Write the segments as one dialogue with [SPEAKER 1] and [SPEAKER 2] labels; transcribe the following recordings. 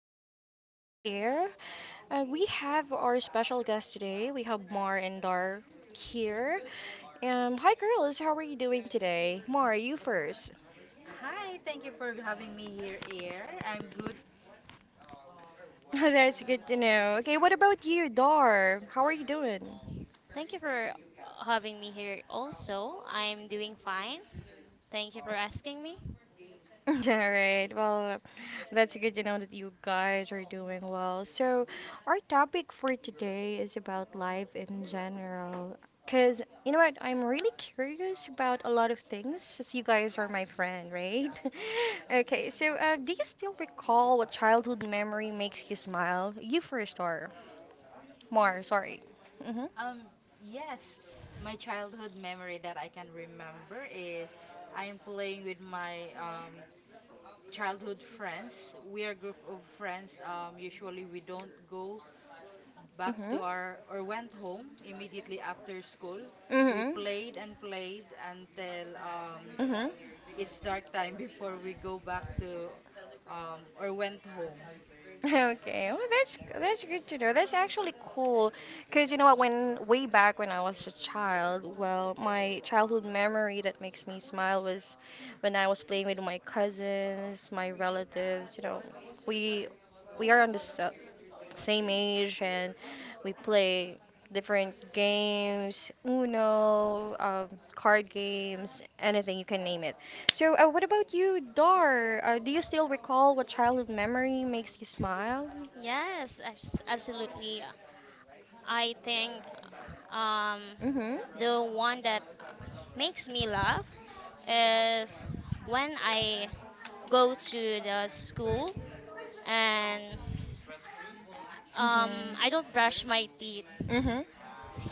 [SPEAKER 1] I'm your dear host, Air. We have our special guest today. We have Mar and Dar here. Hi, girls. How are you doing today? Mar, you first. That's good to know. Okay, what about you, Dar? How are you doing?
[SPEAKER 2] Thank you for having me here also. I'm doing fine. Thank you for asking me.
[SPEAKER 1] All right. Well, that's good to know that you guys are doing well. So, our topic for today is about life in general. Because, you know what, I'm really curious about a lot of things since you guys are my friend, right? Okay, so do you still recall what childhood memory makes you smile? You first, or more, sorry. Mm
[SPEAKER 3] Um, yes, my childhood memory that I can remember is I'm playing with my childhood friends. We are a group of friends. Usually we don't go
[SPEAKER 1] hmm.
[SPEAKER 3] back
[SPEAKER 1] Mm hmm.
[SPEAKER 3] to our or went home immediately after school.
[SPEAKER 1] Mm
[SPEAKER 3] We
[SPEAKER 1] hmm.
[SPEAKER 3] played and played until
[SPEAKER 1] Mm hmm.
[SPEAKER 3] it's dark time before we go back to or went home.
[SPEAKER 1] Okay, well that's good to know. That's actually cool, cause you know what? When way back when I was a child, well, my childhood memory that makes me smile was when I was playing with my cousins, my relatives. You know, we we are on the same age and we play different games, Uno, card games, anything you can name it. So, what about you, Dar? Do you still recall what childhood memory makes you smile?
[SPEAKER 2] Yes, absolutely. I think um,
[SPEAKER 1] Mhm.
[SPEAKER 2] the one that makes me laugh is when I go to the school and I don't brush my teeth.
[SPEAKER 1] Mhm. Mhm.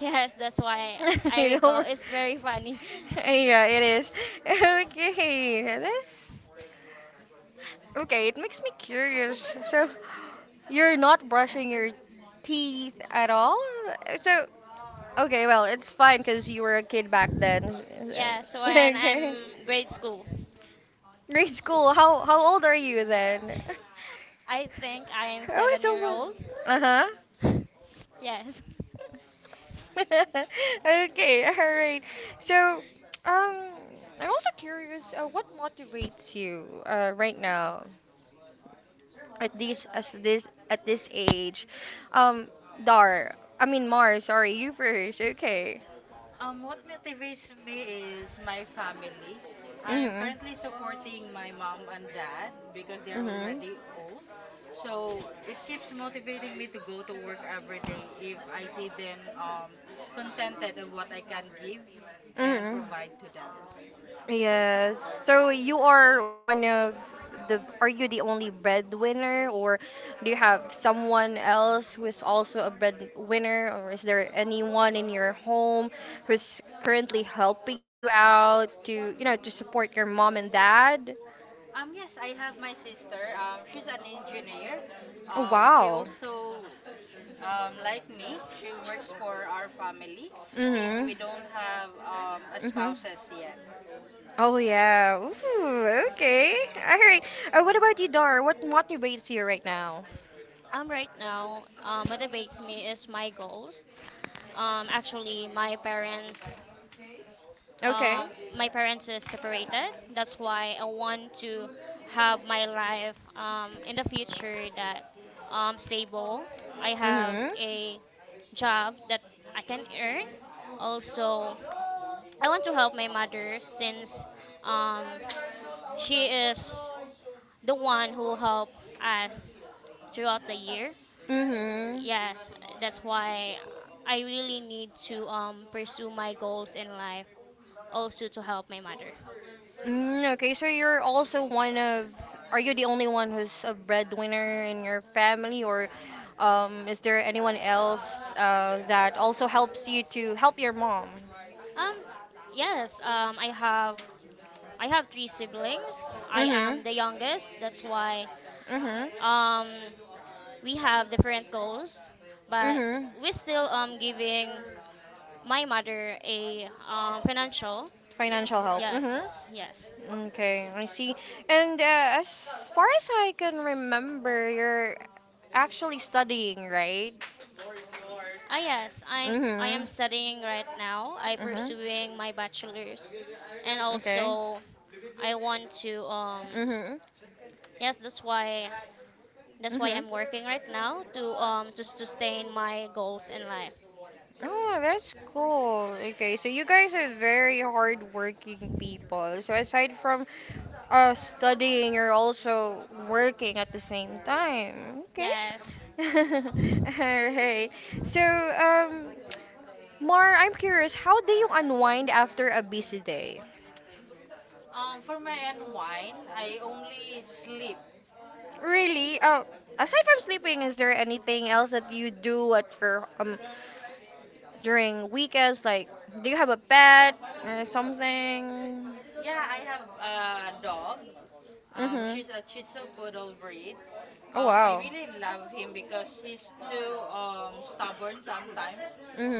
[SPEAKER 2] Yes, that's why I
[SPEAKER 1] You know,
[SPEAKER 2] recall. It's very funny.
[SPEAKER 1] yeah, it is. Okay, that's Okay, it makes me curious. So, you're not brushing your teeth at all? So, okay, well, it's fine because you were a kid back then.
[SPEAKER 2] Yes, when
[SPEAKER 1] Okay.
[SPEAKER 2] I'm grade school.
[SPEAKER 1] Grade school, how old are you then?
[SPEAKER 2] I think I am
[SPEAKER 1] Oh,
[SPEAKER 2] 7 year
[SPEAKER 1] so
[SPEAKER 2] old.
[SPEAKER 1] Uh huh.
[SPEAKER 2] Yes.
[SPEAKER 1] okay, all right. So, um, I'm also curious, what motivates you right now? At this age. Um, Dar, I mean Mar, sorry, you first. Okay.
[SPEAKER 3] What motivates me is my family. I'm
[SPEAKER 1] Mhm.
[SPEAKER 3] currently supporting my mom and dad because they're
[SPEAKER 1] Mhm.
[SPEAKER 3] already old. So it keeps motivating me to go to work every day if I see them contented of what I can give and
[SPEAKER 1] Mm.
[SPEAKER 3] provide to them.
[SPEAKER 1] Yes. So you are are you the only breadwinner, or do you have someone else who is also a breadwinner, or is there anyone in your home who's currently helping you out to, you know, to support your mom and dad?
[SPEAKER 3] Yes, I have my sister. She's an engineer.
[SPEAKER 1] Oh,
[SPEAKER 3] Um, she
[SPEAKER 1] wow.
[SPEAKER 3] also, like me, she works for our family since
[SPEAKER 1] Mm-hmm.
[SPEAKER 3] we don't have a
[SPEAKER 1] Mm-hmm.
[SPEAKER 3] spouses yet.
[SPEAKER 1] Oh yeah. Ooh, okay. All right. What about you, Dar? What motivates you right now?
[SPEAKER 2] Right now, motivates me is my goals. Actually,
[SPEAKER 1] Okay.
[SPEAKER 2] um, my parents is separated. That's why I want to have my life, in the future that, stable. I have
[SPEAKER 1] Mhm.
[SPEAKER 2] a job that I can earn. Also, I want to help my mother since, um, she is the one who helped us throughout the year. Yes, that's why I really need to
[SPEAKER 1] Mhm.
[SPEAKER 2] pursue my goals in life also to help my mother.
[SPEAKER 1] Mm, okay, so you're also are you the only one who's a breadwinner in your family, or is there anyone else that also helps you to help your mom?
[SPEAKER 2] Um, yes, um, I have three siblings. I
[SPEAKER 1] Mm-hmm.
[SPEAKER 2] am the youngest. That's why
[SPEAKER 1] Mm-hmm.
[SPEAKER 2] um we have different goals, but
[SPEAKER 1] Mm-hmm.
[SPEAKER 2] we still giving my mother a financial,
[SPEAKER 1] Financial help. Mm-hmm.
[SPEAKER 2] yes, yes.
[SPEAKER 1] Okay, I see. And as far as I can remember, you're actually studying, right?
[SPEAKER 2] Ah, yes, I'm I
[SPEAKER 1] Mm-hmm.
[SPEAKER 2] am studying right now. I
[SPEAKER 1] Mm-hmm.
[SPEAKER 2] pursuing my bachelor's, and
[SPEAKER 1] Okay.
[SPEAKER 2] also I want to um,
[SPEAKER 1] Mhm.
[SPEAKER 2] yes, that's why
[SPEAKER 1] Mhm.
[SPEAKER 2] I'm working right now to sustain my goals in life.
[SPEAKER 1] Oh, that's cool. Okay, so you guys are very hardworking people. So aside from studying, you're also working at the same time. Okay.
[SPEAKER 2] Yes.
[SPEAKER 1] All right. So, Mar, I'm curious, how do you unwind after a busy day?
[SPEAKER 3] For my unwind, I only sleep.
[SPEAKER 1] Really? Aside from sleeping, is there anything else that you do at your during weekends? Like, do you have a pet or something?
[SPEAKER 3] Yeah, I have a dog.
[SPEAKER 1] Mm-hmm.
[SPEAKER 3] She's a Shih Tzu poodle breed.
[SPEAKER 1] Oh
[SPEAKER 3] I
[SPEAKER 1] wow.
[SPEAKER 3] really love him because he's too stubborn sometimes,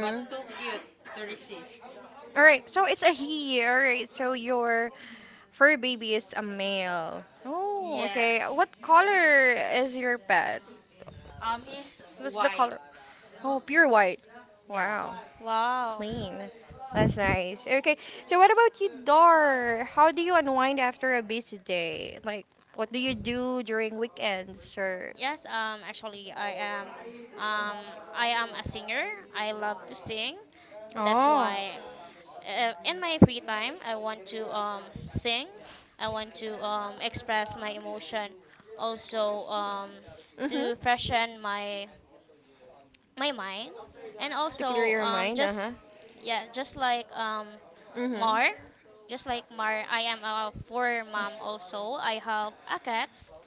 [SPEAKER 3] but too cute to resist.
[SPEAKER 1] All right, so it's a he. All right, so your fur baby is a male. Oh,
[SPEAKER 3] Yes.
[SPEAKER 1] okay. What color is your pet?
[SPEAKER 3] He's
[SPEAKER 1] What's the
[SPEAKER 3] white.
[SPEAKER 1] color? Oh, pure white.
[SPEAKER 3] Yeah.
[SPEAKER 1] Wow.
[SPEAKER 2] Wow.
[SPEAKER 1] Clean. That's nice. Okay, so what about you, Dar? How do you unwind after a busy day? Like, what do you do during weekends or?
[SPEAKER 2] Yes, actually um I am a singer. I love to sing. That's
[SPEAKER 1] Oh.
[SPEAKER 2] why in my free time, I want to sing. I want to express my emotion, also to
[SPEAKER 1] Mm-hmm.
[SPEAKER 2] freshen my mind, and
[SPEAKER 1] To clear
[SPEAKER 2] also
[SPEAKER 1] your mind, uh-huh.
[SPEAKER 2] just yeah, just like
[SPEAKER 1] Mm-hmm.
[SPEAKER 2] Mar, just like Mar, I am a four mom also. I have a cats,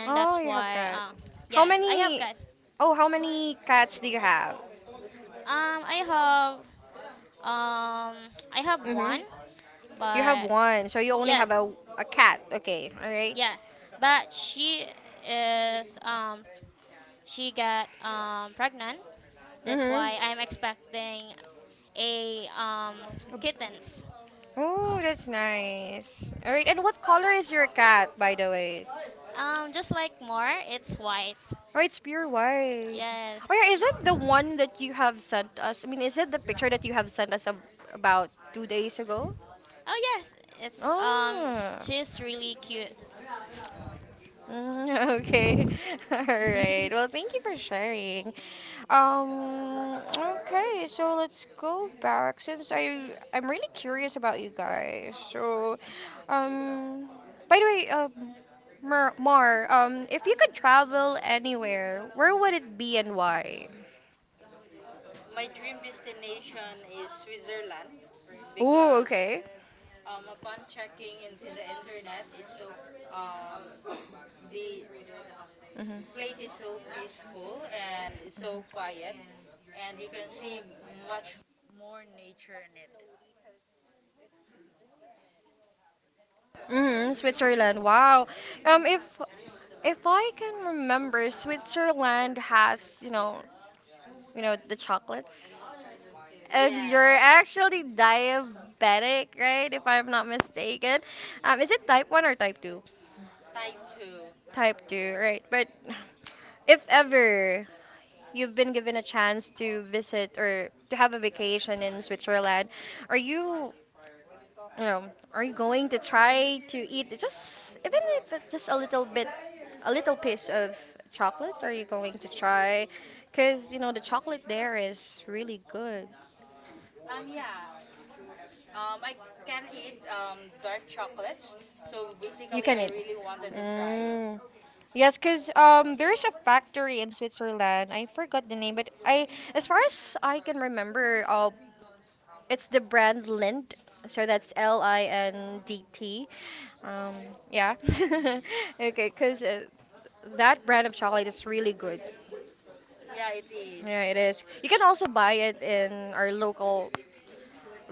[SPEAKER 2] and
[SPEAKER 1] Oh, you
[SPEAKER 2] that's
[SPEAKER 1] have
[SPEAKER 2] why
[SPEAKER 1] cat. How
[SPEAKER 2] yes, I have
[SPEAKER 1] many?
[SPEAKER 2] cat.
[SPEAKER 1] Oh, how many cats do you have?
[SPEAKER 2] Um, I have I have
[SPEAKER 1] Mm-hmm.
[SPEAKER 2] one,
[SPEAKER 1] You have
[SPEAKER 2] but
[SPEAKER 1] one, so you only have
[SPEAKER 2] yes.
[SPEAKER 1] a cat. Okay, all right.
[SPEAKER 2] Yeah, but she is she got pregnant. That's
[SPEAKER 1] Mm-hmm.
[SPEAKER 2] why I'm expecting a kittens.
[SPEAKER 1] Oh, that's nice. All right, and what color is your cat, by the way?
[SPEAKER 2] Just like more, it's white.
[SPEAKER 1] Oh, it's pure white. Oh
[SPEAKER 2] Yes.
[SPEAKER 1] yeah, is
[SPEAKER 2] Sh-
[SPEAKER 1] it the one that you have sent us? I mean, is it the picture that you have sent us about 2 days ago?
[SPEAKER 2] Oh, yes, it's
[SPEAKER 1] Oh.
[SPEAKER 2] she's really cute.
[SPEAKER 1] Mm, okay. All right. Well, thank you for sharing. Okay, so let's go back since I'm really curious about you guys. So, um, by the way, Mer- Mar, if you could travel anywhere, where would it be and why?
[SPEAKER 3] My dream destination is Switzerland
[SPEAKER 1] Oh,
[SPEAKER 3] because
[SPEAKER 1] okay.
[SPEAKER 3] Upon checking into the internet, it's so um, the
[SPEAKER 1] Mhm.
[SPEAKER 3] place is so peaceful and it's so quiet, and you can see much more nature in it.
[SPEAKER 1] Mhm. Switzerland. Wow. Um, if if I can remember, Switzerland has you know the chocolates, and you're
[SPEAKER 3] Yes.
[SPEAKER 1] actually diabetic, right? If I'm not mistaken. Is it type one or type two?
[SPEAKER 3] Type two.
[SPEAKER 1] Type two, right? But if ever you've been given a chance to visit or to have a vacation in Switzerland. Are you, you know, are you going to try to eat just even if it's just a little bit, a little piece of chocolate? Are you going to try? Because you know the chocolate there is really good.
[SPEAKER 3] Yeah. I can eat dark chocolates. So
[SPEAKER 1] You
[SPEAKER 3] basically,
[SPEAKER 1] can
[SPEAKER 3] I
[SPEAKER 1] eat.
[SPEAKER 3] really wanted to try it.
[SPEAKER 1] Mm. Yes, because there's a factory in Switzerland. I forgot the name, but as far as I can remember, it's the brand Lind. So that's Lindt. Um, yeah. okay, because that brand of chocolate is really good.
[SPEAKER 3] Yeah, it is.
[SPEAKER 1] Yeah, it is. You can also buy it in our local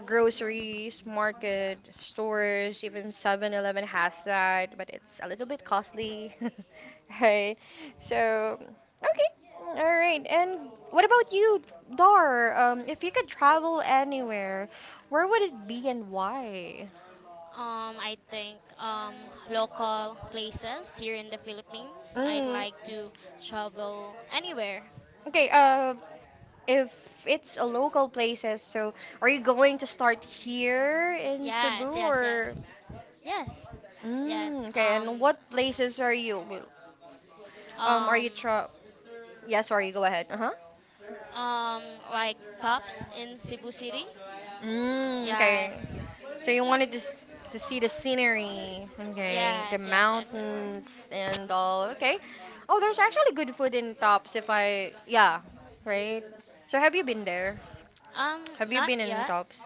[SPEAKER 1] groceries, market, stores, even 7-Eleven has that, but it's a little bit costly. Right. So, okay. All right. And what about you, Dar? If you could travel anywhere, where would it be and why?
[SPEAKER 2] I think local places here in the Philippines. I'd
[SPEAKER 1] Mm,
[SPEAKER 2] like to travel anywhere.
[SPEAKER 1] okay, if it's a local places, so are you going to start here in Cebu
[SPEAKER 2] Yes, yes, yes,
[SPEAKER 1] or?
[SPEAKER 2] yes, yes.
[SPEAKER 1] Mm, okay, and what places are you? Are
[SPEAKER 2] Um,
[SPEAKER 1] you tra Yeah, sorry, go ahead. Uh-huh.
[SPEAKER 2] um, like tops in Cebu City. Uh,
[SPEAKER 1] Mm, okay.
[SPEAKER 2] yes,
[SPEAKER 1] So you wanted to see the scenery, okay, the
[SPEAKER 2] yes, yes, yes, yes.
[SPEAKER 1] mountains and all. Okay. Oh, there's actually good food in Tops if I yeah, right? So have you been there?
[SPEAKER 2] Um,
[SPEAKER 1] Have you
[SPEAKER 2] not
[SPEAKER 1] been in
[SPEAKER 2] yet.
[SPEAKER 1] Tops?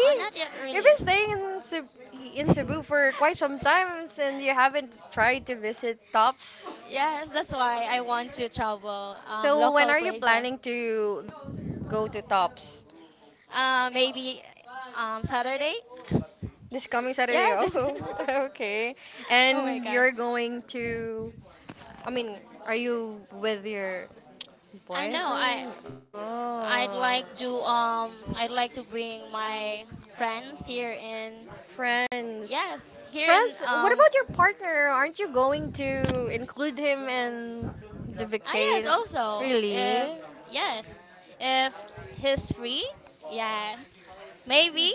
[SPEAKER 2] Oh, not yet,
[SPEAKER 1] You've been
[SPEAKER 2] really.
[SPEAKER 1] staying in Cebu for quite some time and you haven't tried to visit Tops?
[SPEAKER 2] Yes, that's why I want to travel
[SPEAKER 1] So when
[SPEAKER 2] local
[SPEAKER 1] are you
[SPEAKER 2] places.
[SPEAKER 1] planning to go to Tops?
[SPEAKER 2] Maybe Saturday.
[SPEAKER 1] This coming
[SPEAKER 2] Yeah,
[SPEAKER 1] Saturday.
[SPEAKER 2] this.
[SPEAKER 1] Oh, okay.
[SPEAKER 2] Oh my
[SPEAKER 1] And
[SPEAKER 2] god.
[SPEAKER 1] you're going to. I mean, are you with your
[SPEAKER 2] I know.
[SPEAKER 1] boyfriend? Oh.
[SPEAKER 2] I'd like to bring my friends here in,
[SPEAKER 1] Friends.
[SPEAKER 2] yes, here in
[SPEAKER 1] Friends, what
[SPEAKER 2] um.
[SPEAKER 1] about your partner? Aren't you going to include him in the
[SPEAKER 2] Ah, yes,
[SPEAKER 1] vacation?
[SPEAKER 2] also if,
[SPEAKER 1] Really?
[SPEAKER 2] yes, if he's free, yes, maybe.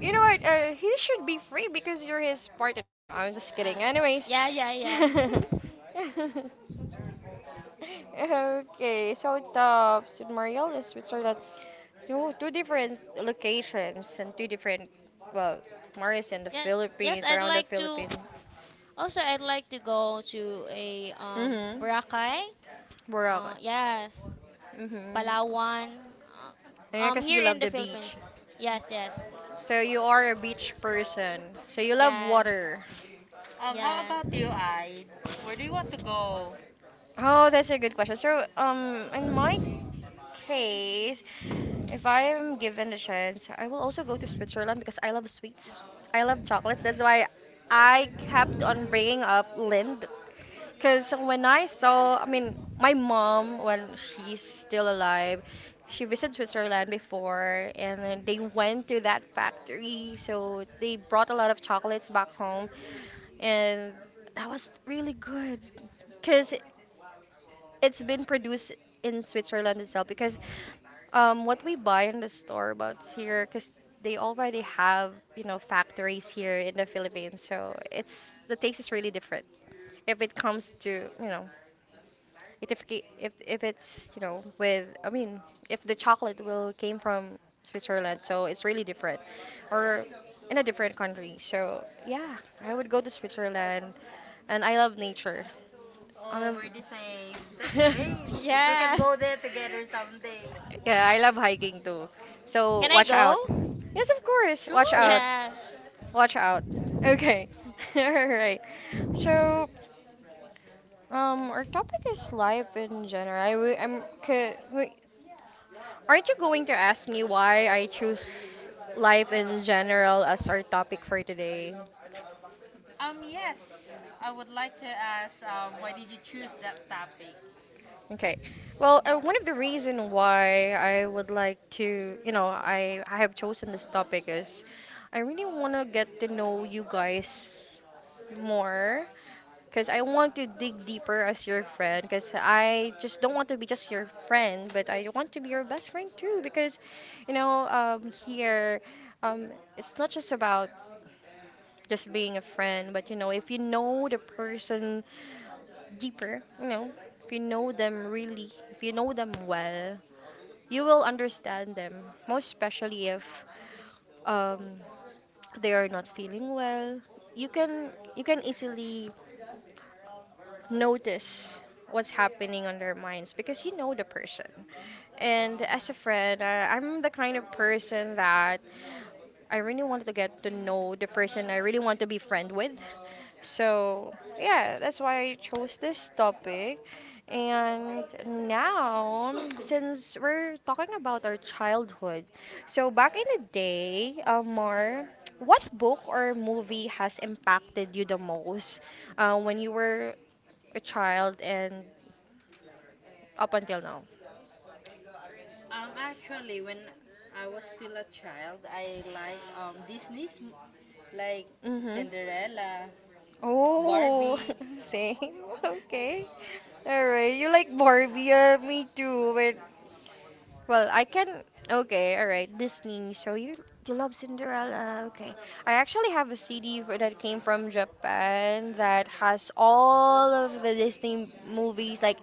[SPEAKER 1] You know what? He should be free because you're his partner. No, no, no, I'm just kidding.
[SPEAKER 2] Uh,
[SPEAKER 1] Anyways.
[SPEAKER 2] yeah, yeah, yeah.
[SPEAKER 1] Okay, so the Submariel is Switzerland. Two different locations and two different, well, Marius in the
[SPEAKER 2] Yeah, yes,
[SPEAKER 1] Philippines,
[SPEAKER 2] I'd
[SPEAKER 1] around the
[SPEAKER 2] like to.
[SPEAKER 1] Philippines.
[SPEAKER 2] Also, I'd like to go to a
[SPEAKER 1] Mm-hmm.
[SPEAKER 2] Boracay.
[SPEAKER 1] Boracay.
[SPEAKER 2] Yes.
[SPEAKER 1] Mm-hmm.
[SPEAKER 2] Palawan, uh,
[SPEAKER 1] Yeah, because you
[SPEAKER 2] here
[SPEAKER 1] love
[SPEAKER 2] in the
[SPEAKER 1] the beach.
[SPEAKER 2] Philippines. Yes, yes,
[SPEAKER 1] So you are a beach person. So you love
[SPEAKER 2] yes,
[SPEAKER 1] water.
[SPEAKER 3] How
[SPEAKER 2] yes,
[SPEAKER 3] about you, I? Where do you want to go?
[SPEAKER 1] Oh, that's a good question. So, in my case, if I am given the chance, I will also go to Switzerland because I love sweets. I love chocolates. That's why I kept on bringing up Lind. Because when I saw, I mean, my mom, when she's still alive, she visited Switzerland before and then they went to that factory. So they brought a lot of chocolates back home and that was really good. Because it's been produced in Switzerland itself because what we buy in the store about here because they already have you know factories here in the Philippines so it's the taste is really different if it comes to you know if it's you know with I mean if the chocolate will came from Switzerland so it's really different or in a different country so yeah I would go to Switzerland and I love nature I'm
[SPEAKER 3] Oh, where they say that's
[SPEAKER 1] a
[SPEAKER 3] great. We can
[SPEAKER 2] yeah.
[SPEAKER 3] go there together someday.
[SPEAKER 1] Yeah, I love hiking too. So
[SPEAKER 2] Can I
[SPEAKER 1] watch out.
[SPEAKER 2] go?
[SPEAKER 1] Yes, of course. Watch
[SPEAKER 3] Sure.
[SPEAKER 1] out.
[SPEAKER 2] Yes.
[SPEAKER 1] Watch out. Okay. All right. So, our topic is life in general. I, wi- I'm. Ca- Wait, aren't you going to ask me why I choose life in general as our topic for today?
[SPEAKER 3] Yes. I would like to ask, why did you choose that topic?
[SPEAKER 1] Okay. Well, one of the reason why I would like to, you know, I have chosen this topic is I really want to get to know you guys more because I want to dig deeper as your friend because I just don't want to be just your friend, but I want to be your best friend too because, you know, here, um, it's not just about just being a friend. But you know, if you know the person deeper, you know, if you know them really, if you know them well, you will understand them. Most especially if um, they are not feeling well, you can you can easily notice what's happening on their minds because you know the person. And as a friend, I'm the kind of person that I really wanted to get to know the person I really want to be friend with. So, yeah, that's why I chose this topic. And now, since we're talking about our childhood, so back in the day, Amar, what book or movie has impacted you the most when you were a child and up until now.
[SPEAKER 3] Actually, when I was still a child, I like Disney's like
[SPEAKER 1] Mm-hmm.
[SPEAKER 3] Cinderella,
[SPEAKER 1] Oh,
[SPEAKER 3] Barbie.
[SPEAKER 1] same. Okay. All right. You like Barbie? Me too. But well, I can. Okay. All right. Disney. So you love Cinderella? Okay. I actually have a CD that came from Japan that has all of the Disney movies. Like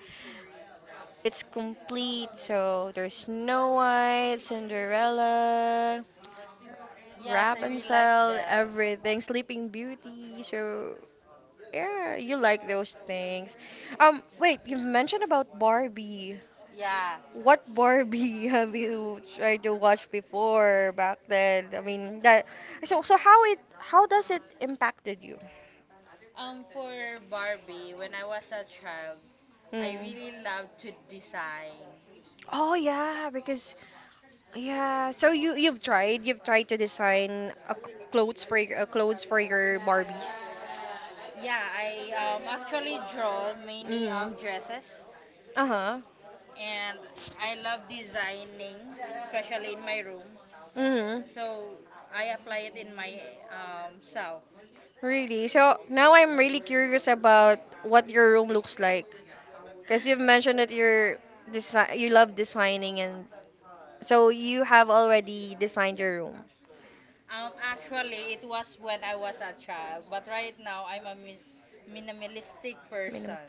[SPEAKER 1] it's complete. So there's Snow White, Cinderella.
[SPEAKER 3] Yes,
[SPEAKER 1] Wrap
[SPEAKER 3] I
[SPEAKER 1] and
[SPEAKER 3] really like
[SPEAKER 1] Sell,
[SPEAKER 3] them.
[SPEAKER 1] everything, Sleeping Beauty. So yeah, you like those things. Wait, you mentioned about Barbie.
[SPEAKER 3] Yeah.
[SPEAKER 1] What Barbie have you tried to watch before back then? I mean, that. So how it how does it impacted you?
[SPEAKER 3] For Barbie, when I was a child, I really
[SPEAKER 1] Hmm.
[SPEAKER 3] love to design.
[SPEAKER 1] Oh yeah, because yeah. So you've tried to design clothes for your Barbies.
[SPEAKER 3] Yeah, I actually draw
[SPEAKER 1] Mm.
[SPEAKER 3] many
[SPEAKER 1] Mm-hmm.
[SPEAKER 3] dresses
[SPEAKER 1] Uh-huh.
[SPEAKER 3] and I love designing, especially in my room.
[SPEAKER 1] Mm.
[SPEAKER 3] So I apply it in my self.
[SPEAKER 1] Really? So now I'm really curious about what your room looks like. Because you've mentioned that you love designing, and so you have already designed your room.
[SPEAKER 3] Actually, it was when I was a child, but right now I'm a minimalistic
[SPEAKER 1] Minimum.
[SPEAKER 3] person.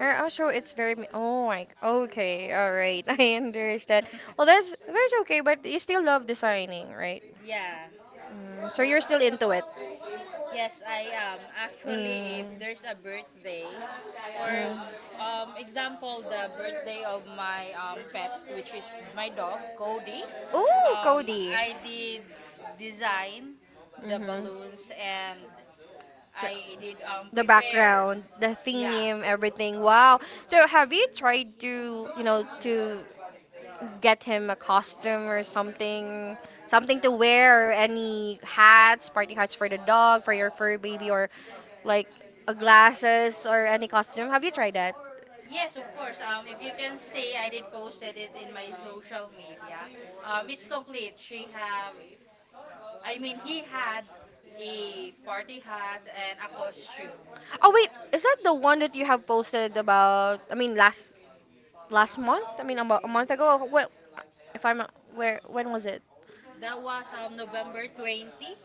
[SPEAKER 1] Oh, so it's very oh my, okay, all right. I understand. Well, that's okay, but you still love designing, right?
[SPEAKER 3] yeah.
[SPEAKER 1] Mm, so you're still into it.
[SPEAKER 3] Yes,
[SPEAKER 1] Yes.
[SPEAKER 3] I am. Actually, if
[SPEAKER 1] Mm.
[SPEAKER 3] there's a birthday
[SPEAKER 1] Or
[SPEAKER 3] or
[SPEAKER 1] mm.
[SPEAKER 3] example, the birthday of my pet, which is my dog, Cody,
[SPEAKER 1] Oh, Cody.
[SPEAKER 3] I did design the
[SPEAKER 1] Mhm.
[SPEAKER 3] balloons and
[SPEAKER 1] The,
[SPEAKER 3] I did
[SPEAKER 1] The
[SPEAKER 3] prepare.
[SPEAKER 1] background, the, yeah,
[SPEAKER 3] Yeah.
[SPEAKER 1] theme, everything. Wow. So have you tried to, you know, to get him a costume or something, something to wear, or any hats, party hats for the dog, for your fur baby, or like a glasses or any costume? Have you tried that?
[SPEAKER 3] Yes, of course. If you can see, I did posted it in my social media. It's complete. She have I mean, he had a party hat and a costume.
[SPEAKER 1] Oh wait, is that the one that you have posted about? I mean, last month. I mean, about a month ago. Well, if I'm not- where when was it?
[SPEAKER 3] That was November 20th,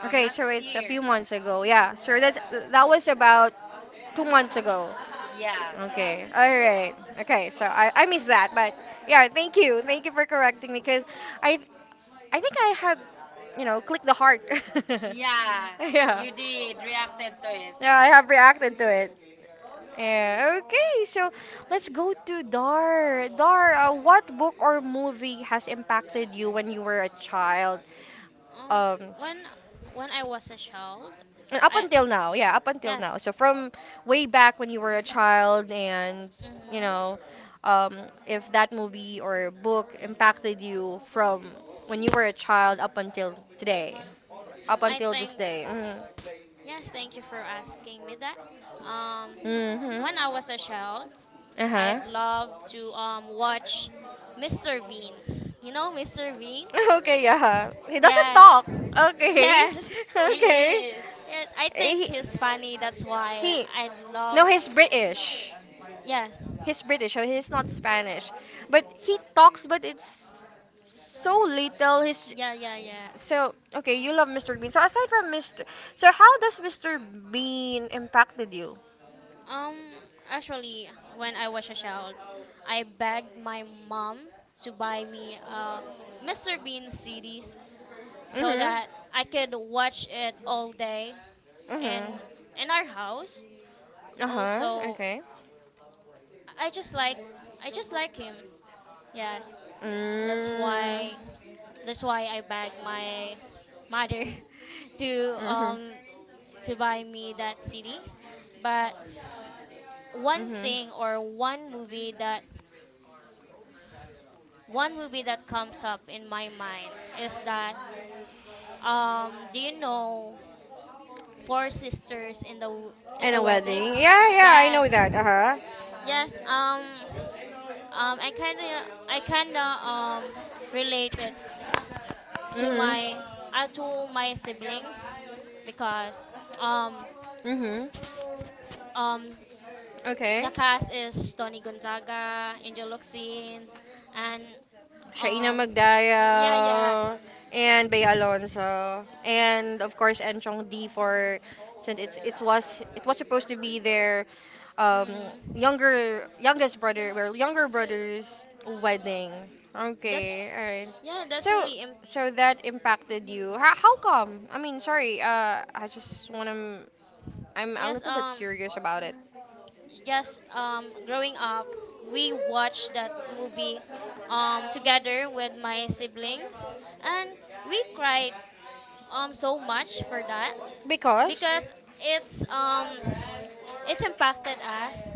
[SPEAKER 1] Okay,
[SPEAKER 3] last
[SPEAKER 1] so it's a few
[SPEAKER 3] year.
[SPEAKER 1] months ago. Yeah, so that's that was about 2 months ago.
[SPEAKER 3] Yeah.
[SPEAKER 1] Okay, all right. Okay, so I missed that, but yeah, thank you for correcting me because I I think I had you know clicked the heart. Yeah.
[SPEAKER 3] Yeah,
[SPEAKER 1] Yeah,
[SPEAKER 3] you did reacted to it.
[SPEAKER 1] I have reacted to it. Yeah, okay, so let's go to Dar. Dar, what book or movie has impacted you when you were a child?
[SPEAKER 2] Um,
[SPEAKER 1] Um,
[SPEAKER 2] when when I was a child,
[SPEAKER 1] and up
[SPEAKER 2] I,
[SPEAKER 1] until now, yeah, up until
[SPEAKER 2] yes.
[SPEAKER 1] now. So from way back when you were a child, and you
[SPEAKER 2] Mm-hmm.
[SPEAKER 1] know, um, if that movie or book impacted you from when you were a child up until today, up
[SPEAKER 2] I
[SPEAKER 1] until
[SPEAKER 2] think,
[SPEAKER 1] this day.
[SPEAKER 2] yes. Thank you for asking me that. Um,
[SPEAKER 1] Mm-hmm. Hmm.
[SPEAKER 2] when I was a child,
[SPEAKER 1] Uh huh.
[SPEAKER 2] I'd love to watch Mr. Bean. You know Mr. Bean?
[SPEAKER 1] Okay, yeah. He doesn't
[SPEAKER 2] Yes.
[SPEAKER 1] talk. Okay.
[SPEAKER 2] Yes.
[SPEAKER 3] He
[SPEAKER 1] Okay.
[SPEAKER 3] is.
[SPEAKER 2] Yes, I think
[SPEAKER 1] He,
[SPEAKER 2] he's funny. That's why
[SPEAKER 1] he
[SPEAKER 2] I love.
[SPEAKER 1] No, he's British.
[SPEAKER 2] Yes.
[SPEAKER 1] He's British, so he's not Spanish. But he talks, but it's so little. He's
[SPEAKER 2] Yeah, yeah, yeah.
[SPEAKER 1] so okay. You love Mr. Bean. So aside from Mr. So how does Mr. Bean impacted you?
[SPEAKER 2] Um, actually, when I was a child, I begged my mom to buy me Mr. Bean CDs so
[SPEAKER 1] Mhm.
[SPEAKER 2] that I could watch it all day and
[SPEAKER 1] Mhm.
[SPEAKER 2] in our house.
[SPEAKER 1] Uh huh.
[SPEAKER 2] Also,
[SPEAKER 1] Okay.
[SPEAKER 2] I just like I just like him. Yes, that's
[SPEAKER 1] Mm.
[SPEAKER 2] why that's why I begged my mother to
[SPEAKER 1] Mhm.
[SPEAKER 2] um to buy me that CD. But one
[SPEAKER 1] Mhm.
[SPEAKER 2] thing or one movie that comes up in my mind is that um, do you know four sisters in the in
[SPEAKER 1] And
[SPEAKER 2] the
[SPEAKER 1] a
[SPEAKER 2] wedding.
[SPEAKER 1] wedding. Yeah, yeah. I know
[SPEAKER 2] Yes,
[SPEAKER 1] that. Uh huh.
[SPEAKER 2] yes. I kinda um, related to
[SPEAKER 1] Mhm.
[SPEAKER 2] my to my siblings because um,
[SPEAKER 1] Mhm.
[SPEAKER 2] um, the
[SPEAKER 1] Okay.
[SPEAKER 2] cast is Tony Gonzaga, Angel Locsin, and
[SPEAKER 1] Shaina
[SPEAKER 2] um, yeah, yeah.
[SPEAKER 1] Magdaya, and Bea Alonso, and of course Enchong D, for since it was supposed to be their um,
[SPEAKER 2] Mm,
[SPEAKER 1] younger youngest brother, well, younger brother's wedding. Okay,
[SPEAKER 2] that's
[SPEAKER 1] all right.
[SPEAKER 2] yeah that's
[SPEAKER 1] So
[SPEAKER 2] really
[SPEAKER 1] so that impacted you. How come? I mean, sorry. I just wanna. I'm a
[SPEAKER 2] yes,
[SPEAKER 1] little bit
[SPEAKER 2] um.
[SPEAKER 1] curious about it.
[SPEAKER 2] Yes, growing up, we watched that movie together with my siblings, and we cried so much for that
[SPEAKER 1] Because,
[SPEAKER 2] because it's it impacted us.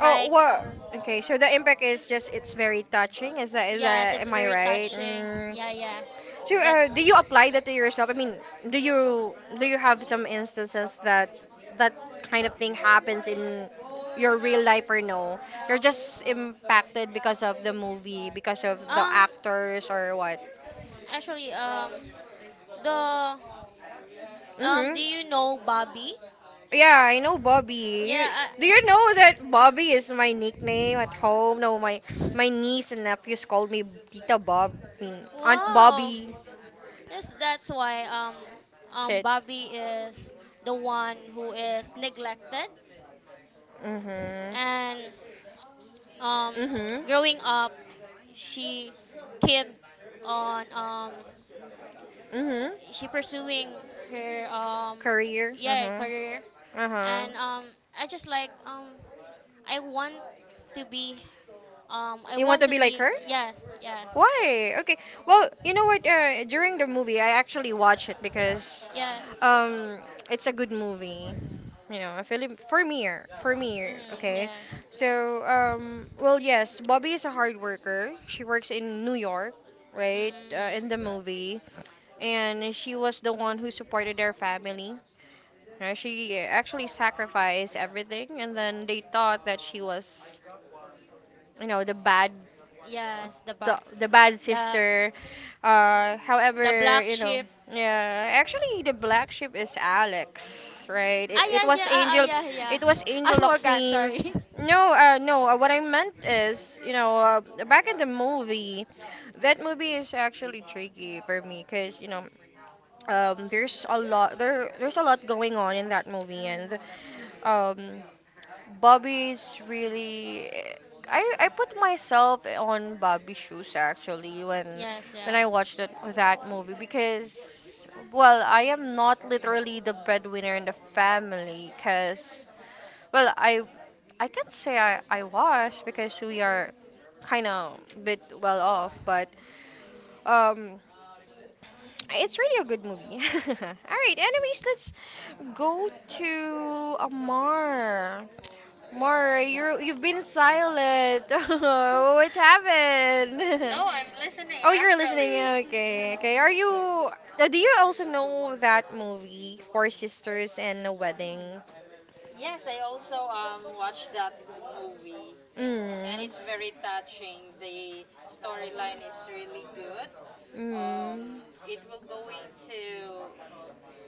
[SPEAKER 1] oh well, okay, so the impact is just it's very touching, is that, is
[SPEAKER 2] yes,
[SPEAKER 1] that,
[SPEAKER 2] it's
[SPEAKER 1] am I
[SPEAKER 2] very
[SPEAKER 1] right?
[SPEAKER 2] touching.
[SPEAKER 1] Mm.
[SPEAKER 2] Yeah, yeah.
[SPEAKER 1] So
[SPEAKER 2] That's
[SPEAKER 1] do you apply that to yourself? I mean, do you have some instances that that kind of thing happens in your real life, or no? You're just impacted because of the movie, because of the
[SPEAKER 2] um.
[SPEAKER 1] actors, or what?
[SPEAKER 2] Actually, the do you
[SPEAKER 1] Mm-hmm.
[SPEAKER 2] know Bobby?
[SPEAKER 1] Yeah, I know Bobby. You,
[SPEAKER 2] Yeah.
[SPEAKER 1] do you
[SPEAKER 2] I,
[SPEAKER 1] know that Bobby is my nickname at home? No, my niece and nephews called me Tita Bob, I mean, Aunt
[SPEAKER 2] wow.
[SPEAKER 1] Bobby.
[SPEAKER 2] Yes, that's why
[SPEAKER 1] Shit.
[SPEAKER 2] Bobby is the one who is neglected,
[SPEAKER 1] Mhm.
[SPEAKER 2] and um,
[SPEAKER 1] Mhm.
[SPEAKER 2] growing up, she kept on
[SPEAKER 1] Mhm.
[SPEAKER 2] she pursuing her
[SPEAKER 1] Career.
[SPEAKER 2] yeah,
[SPEAKER 1] Mhm.
[SPEAKER 2] career,
[SPEAKER 1] Uh huh.
[SPEAKER 2] and I just like I want to be I
[SPEAKER 1] You want
[SPEAKER 2] want
[SPEAKER 1] to
[SPEAKER 2] to
[SPEAKER 1] be like
[SPEAKER 2] be,
[SPEAKER 1] her?
[SPEAKER 2] yes, yes.
[SPEAKER 1] Why? Okay. Well, you know what? During the movie, I actually watched it because
[SPEAKER 2] Yes.
[SPEAKER 1] um, it's a good movie. You know, a Philip for me, for me.
[SPEAKER 2] Mm,
[SPEAKER 1] Okay.
[SPEAKER 2] yes.
[SPEAKER 1] So, well, yes, Bobby is a hard worker. She works in New York,
[SPEAKER 2] Mm,
[SPEAKER 1] right? In the
[SPEAKER 2] mm, mm.
[SPEAKER 1] movie, and she was the one who supported their family. She actually sacrificed everything, and then they thought that she was, you know, the bad,
[SPEAKER 2] Yes, the but
[SPEAKER 1] the bad
[SPEAKER 2] the
[SPEAKER 1] sister.
[SPEAKER 2] the
[SPEAKER 1] However,
[SPEAKER 2] black
[SPEAKER 1] you know,
[SPEAKER 2] sheep.
[SPEAKER 1] yeah, actually, the black sheep is Alex, right?
[SPEAKER 2] Ah,
[SPEAKER 1] It
[SPEAKER 2] yeah,
[SPEAKER 1] was
[SPEAKER 2] yeah, ah, ah,
[SPEAKER 1] Angel,
[SPEAKER 2] yeah, yeah.
[SPEAKER 1] it was
[SPEAKER 2] I
[SPEAKER 1] Angel
[SPEAKER 2] forgot, sorry.
[SPEAKER 1] Loxine's. No, no. What I meant is, you know, back in the movie, that movie is actually tricky for me, cause you know, there's a lot there's a lot going on in that movie, and
[SPEAKER 2] Mm.
[SPEAKER 1] um, Bobby's really, I put myself on Bobby's shoes actually when
[SPEAKER 2] Yes, yeah.
[SPEAKER 1] I watched that movie, because well, I am not literally the breadwinner in the family, because well, I can't say I was, because we are kind of bit well off, but um it's really a good movie. All right. Anyways, let's go to Amar. Amar, you've been silent. What happened?
[SPEAKER 3] No, I'm listening
[SPEAKER 1] Oh, you're listening.
[SPEAKER 3] actually.
[SPEAKER 1] Yeah, okay. Okay. Are you? Do you also know that movie, Four Sisters and a Wedding?
[SPEAKER 3] yes, I also watched that movie, and it's
[SPEAKER 1] Mm.
[SPEAKER 3] very touching. The storyline is really good. Um,
[SPEAKER 1] Mm.
[SPEAKER 3] it will going to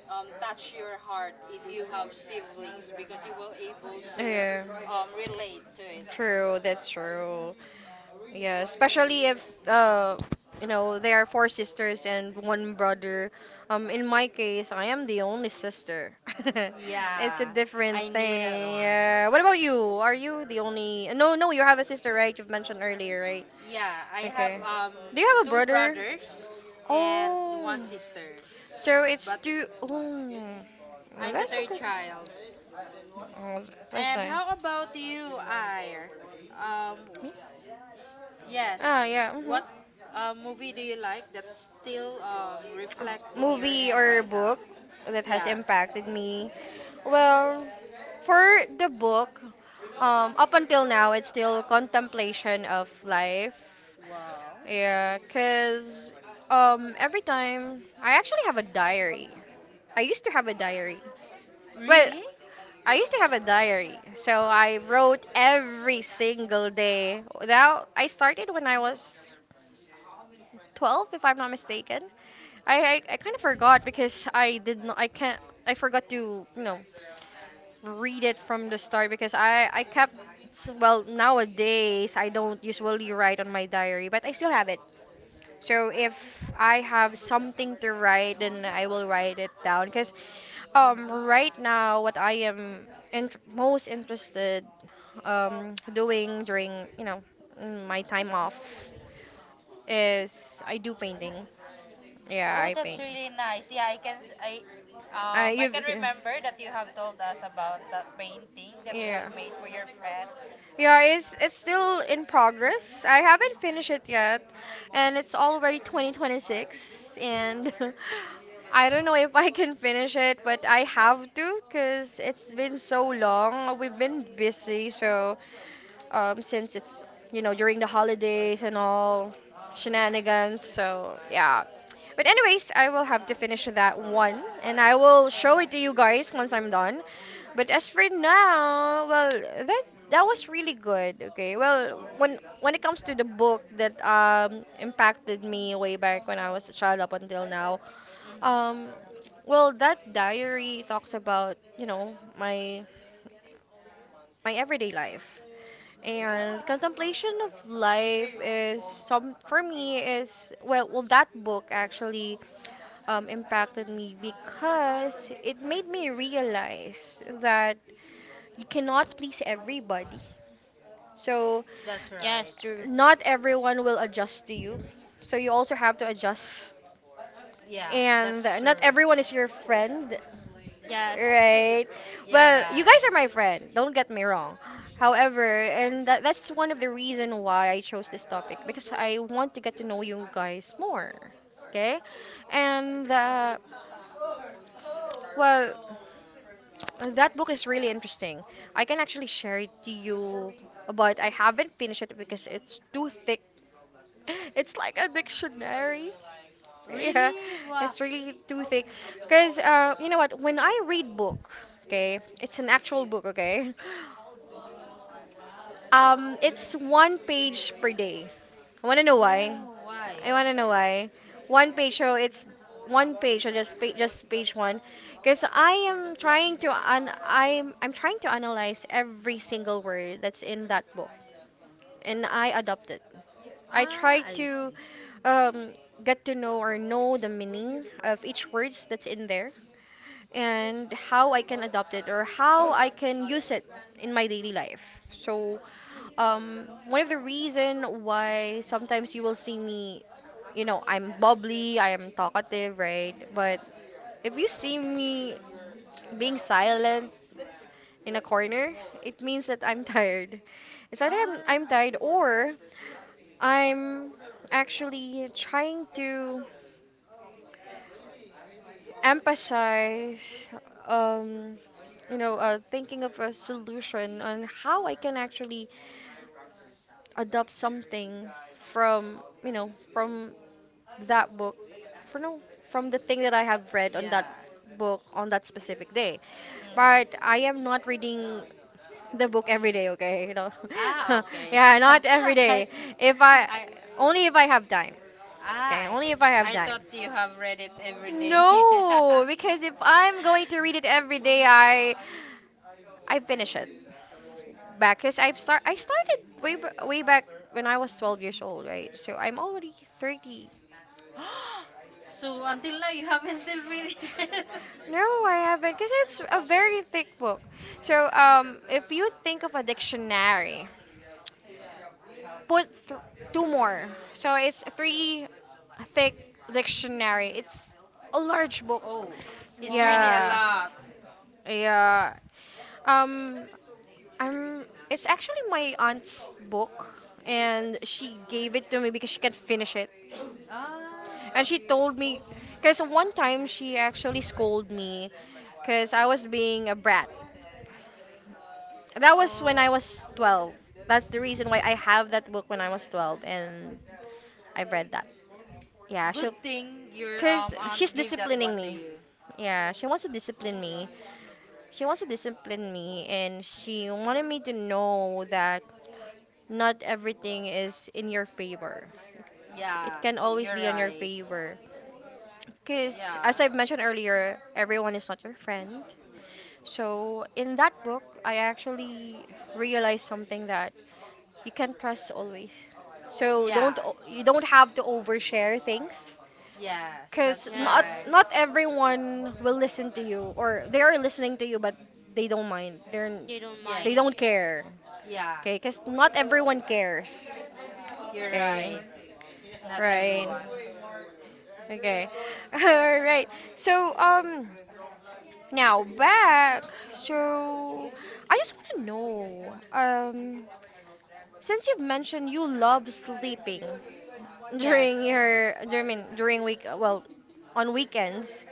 [SPEAKER 3] touch your heart if you have siblings because you will able to
[SPEAKER 1] to
[SPEAKER 3] relate to it.
[SPEAKER 1] True, that's true. Yeah, especially if you know there are four sisters and one brother. In my case, I am the only sister. A
[SPEAKER 3] Yeah, I
[SPEAKER 1] different
[SPEAKER 3] knew that
[SPEAKER 1] thing.
[SPEAKER 3] one.
[SPEAKER 1] Yeah. What about you? Are you the only? No, no, you have a sister, right? You've mentioned earlier, right?
[SPEAKER 3] Yeah, I have
[SPEAKER 1] Do you have a
[SPEAKER 3] two
[SPEAKER 1] brother?
[SPEAKER 3] brothers and
[SPEAKER 1] Oh,
[SPEAKER 3] one sister,
[SPEAKER 1] so it's
[SPEAKER 3] but
[SPEAKER 1] two. Oh, well,
[SPEAKER 3] I'm the
[SPEAKER 1] that's.
[SPEAKER 3] third child.
[SPEAKER 1] Oh, that's
[SPEAKER 3] And how about you, Ayer? Um,
[SPEAKER 1] me?
[SPEAKER 3] Yes.
[SPEAKER 1] Ah, yeah. Mhm.
[SPEAKER 3] What movie do you like that still reflect in your
[SPEAKER 1] Movie
[SPEAKER 3] end
[SPEAKER 1] or
[SPEAKER 3] right now?
[SPEAKER 1] book that has
[SPEAKER 3] Yeah.
[SPEAKER 1] impacted me. Well, for the book, up until now, it's still contemplation of life.
[SPEAKER 3] Wow.
[SPEAKER 1] Yeah, cause every time, I actually have a diary. I used to have a diary. Well,
[SPEAKER 3] Really?
[SPEAKER 1] I used to have a diary. So I wrote every single day. That I started when I was 12 if I'm not mistaken. I kind of forgot because I did not I can't, I forgot to, you know, read it from the start because I kept, well, nowadays I don't usually write on my diary, but I still have it. So if I have something to write, then I will write it down. Cause
[SPEAKER 3] Mhm.
[SPEAKER 1] right now what I am most interested doing during, you know, my time off is I do painting. Yeah,
[SPEAKER 3] Oh,
[SPEAKER 1] I
[SPEAKER 3] that's
[SPEAKER 1] paint.
[SPEAKER 3] really nice. Yeah, I can I
[SPEAKER 1] You've
[SPEAKER 3] can remember that you have told us about the painting that you have
[SPEAKER 1] yeah.
[SPEAKER 3] made for your friend.
[SPEAKER 1] Yeah, it's still in progress. I haven't finished it yet, and it's already 2026, and I don't know if I can finish it, but I have to because it's been so long. We've been busy, so since it's, you know, during the holidays and all shenanigans, so yeah. But anyways, I will have to finish that one and I will show it to you guys once I'm done. But as for now, well, that was really good. Okay. Well, when it comes to the book that impacted me way back when I was a child up until now, um
[SPEAKER 3] Mm-hmm.
[SPEAKER 1] well, that diary talks about, you know, my everyday life. And contemplation of life is some for me is well, well that book actually impacted me because it made me realize that you cannot please everybody. So
[SPEAKER 3] That's right.
[SPEAKER 2] Yes, true.
[SPEAKER 1] not everyone will adjust to you. So you also have to adjust.
[SPEAKER 3] Yeah,
[SPEAKER 1] And
[SPEAKER 3] that's
[SPEAKER 1] not
[SPEAKER 3] true.
[SPEAKER 1] everyone is your friend.
[SPEAKER 2] Yes.
[SPEAKER 1] Right.
[SPEAKER 3] Yeah,
[SPEAKER 1] Well, you guys
[SPEAKER 3] right.
[SPEAKER 1] are my friend. Don't get me wrong. However, that's one of the reason why I chose this topic, because I want to get to know you guys more. Okay? And well, that book is really interesting. I can actually share it to you, but I haven't finished it because it's too thick. It's like a dictionary. Yeah,
[SPEAKER 3] Really? Wow.
[SPEAKER 1] it's really too thick. Cause you know what? When I read book, okay, it's an actual book, okay.
[SPEAKER 3] Mhm.
[SPEAKER 1] It's one page per day. I wanna know why?
[SPEAKER 3] Oh, why?
[SPEAKER 1] I wanna know why. One page, so it's one page, so just page one, because I am trying to I'm trying to analyze every single word that's in that book, and I adopt it. I
[SPEAKER 3] Ah,
[SPEAKER 1] try
[SPEAKER 3] I
[SPEAKER 1] to
[SPEAKER 3] see.
[SPEAKER 1] um, get to know or know the meaning of each words that's in there, and how I can adopt it, or how I can use it in my daily life. So, one of the reason why sometimes you will see me, you know, I'm bubbly, I am talkative, right? But if you see me
[SPEAKER 3] Mhm.
[SPEAKER 1] being silent in a corner, it means that I'm tired. It's either
[SPEAKER 3] Ah.
[SPEAKER 1] I'm tired or I'm actually trying to emphasize um you know thinking of a solution on how I can actually adopt something from, you know, from that book, for no from the thing that I have read on that
[SPEAKER 3] Yeah.
[SPEAKER 1] book on that specific day, but
[SPEAKER 3] Mhm.
[SPEAKER 1] I am not reading the book every day, okay, you know.
[SPEAKER 3] Ah, okay.
[SPEAKER 1] Yeah, not every
[SPEAKER 3] I,
[SPEAKER 1] day. If I
[SPEAKER 3] I,
[SPEAKER 1] Only if I have time, okay, only
[SPEAKER 3] okay.
[SPEAKER 1] if I have.
[SPEAKER 3] I thought you have read it every day.
[SPEAKER 1] No, because if I'm going to read it every day, I finish it back because I started way back when I was 12 years old, right? So I'm already 30.
[SPEAKER 3] so until now you haven't still finished it.
[SPEAKER 1] No, I haven't because it's a very thick book. So if you think of a dictionary, put th- two more. So it's three thick dictionary. It's a large book.
[SPEAKER 3] Oh, it's really a
[SPEAKER 2] Wow.
[SPEAKER 1] Yeah.
[SPEAKER 3] lot.
[SPEAKER 1] Yeah. Um, Um, it's actually my aunt's book, and she gave it to me because she can't finish it.
[SPEAKER 3] Ah.
[SPEAKER 1] And she told me, because one time she actually scolded me because I was being a brat. That was when
[SPEAKER 3] Oh.
[SPEAKER 1] I was 12. That's the reason why I have that book when I was 12, and I've read that. Yeah,
[SPEAKER 3] Good thing your
[SPEAKER 1] because she's
[SPEAKER 3] aunt gave that
[SPEAKER 1] disciplining
[SPEAKER 3] one to
[SPEAKER 1] me.
[SPEAKER 3] you.
[SPEAKER 1] Yeah, she wants to discipline me. She wants to discipline me, and she wanted me to know that not everything is in your favor. It
[SPEAKER 3] Yeah,
[SPEAKER 1] can always
[SPEAKER 3] you're
[SPEAKER 1] be on your
[SPEAKER 3] right.
[SPEAKER 1] favor. Because,
[SPEAKER 3] Yeah.
[SPEAKER 1] as I've mentioned earlier, everyone is not your friend. So, in that book, I actually realized something that you can trust always. So, don't
[SPEAKER 3] Yeah.
[SPEAKER 1] o- you don't have to overshare things
[SPEAKER 3] Yes, that's
[SPEAKER 1] because not
[SPEAKER 3] correct.
[SPEAKER 2] Yes.
[SPEAKER 1] not everyone will listen to you or they are listening to you but they don't mind.
[SPEAKER 2] They don't
[SPEAKER 3] Yes.
[SPEAKER 2] mind
[SPEAKER 1] They
[SPEAKER 2] it.
[SPEAKER 1] don't care.
[SPEAKER 3] Yeah,
[SPEAKER 1] Okay, because not everyone cares.
[SPEAKER 3] you're
[SPEAKER 1] Okay,
[SPEAKER 3] right. Not
[SPEAKER 1] right.
[SPEAKER 3] everyone.
[SPEAKER 1] Okay. All right. So, now back. So, I just want to know, since you've mentioned you love sleeping
[SPEAKER 3] Yes.
[SPEAKER 1] I mean, during week, well, on weekends.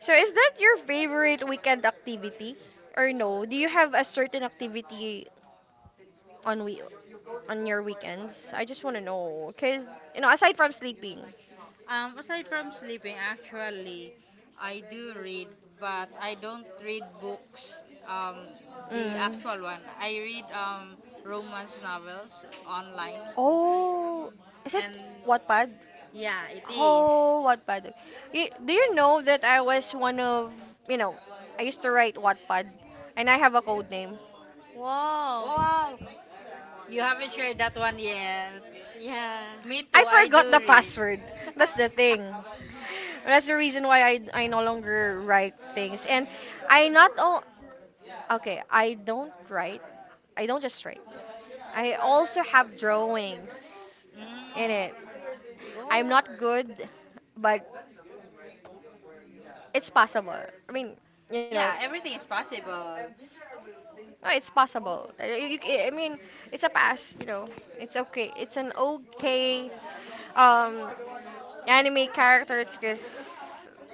[SPEAKER 1] So, is that your favorite weekend activity? Or no? Do you have a certain activity on we on your weekends? I just want to know, cause you know, aside from sleeping.
[SPEAKER 3] Aside from sleeping, actually, I do read, but I don't read books, um, the
[SPEAKER 1] Mm.
[SPEAKER 3] actual one. I read romance novels online,
[SPEAKER 1] Oh, is it
[SPEAKER 3] and
[SPEAKER 1] Wattpad?
[SPEAKER 3] yeah, it is.
[SPEAKER 1] Oh, Wattpad. Y- Do you know that I was one of, you know, I used to write Wattpad and I have a code name.
[SPEAKER 2] Wow.
[SPEAKER 3] Wow, you haven't shared that one yet.
[SPEAKER 2] Yeah.
[SPEAKER 3] Me
[SPEAKER 1] I
[SPEAKER 3] too, I do
[SPEAKER 1] forgot the
[SPEAKER 3] read.
[SPEAKER 1] password. That's the thing. That's the reason why I no longer write things. And I not o- okay, I don't write. I don't just write. I also have drawings in
[SPEAKER 3] Mm.
[SPEAKER 1] it. I'm
[SPEAKER 3] Oh.
[SPEAKER 1] not good, but it's possible. I mean, you know,
[SPEAKER 3] Yeah, everything is possible.
[SPEAKER 1] no, it's possible. I mean, it's a pass. You know, it's okay. It's an okay um anime characters because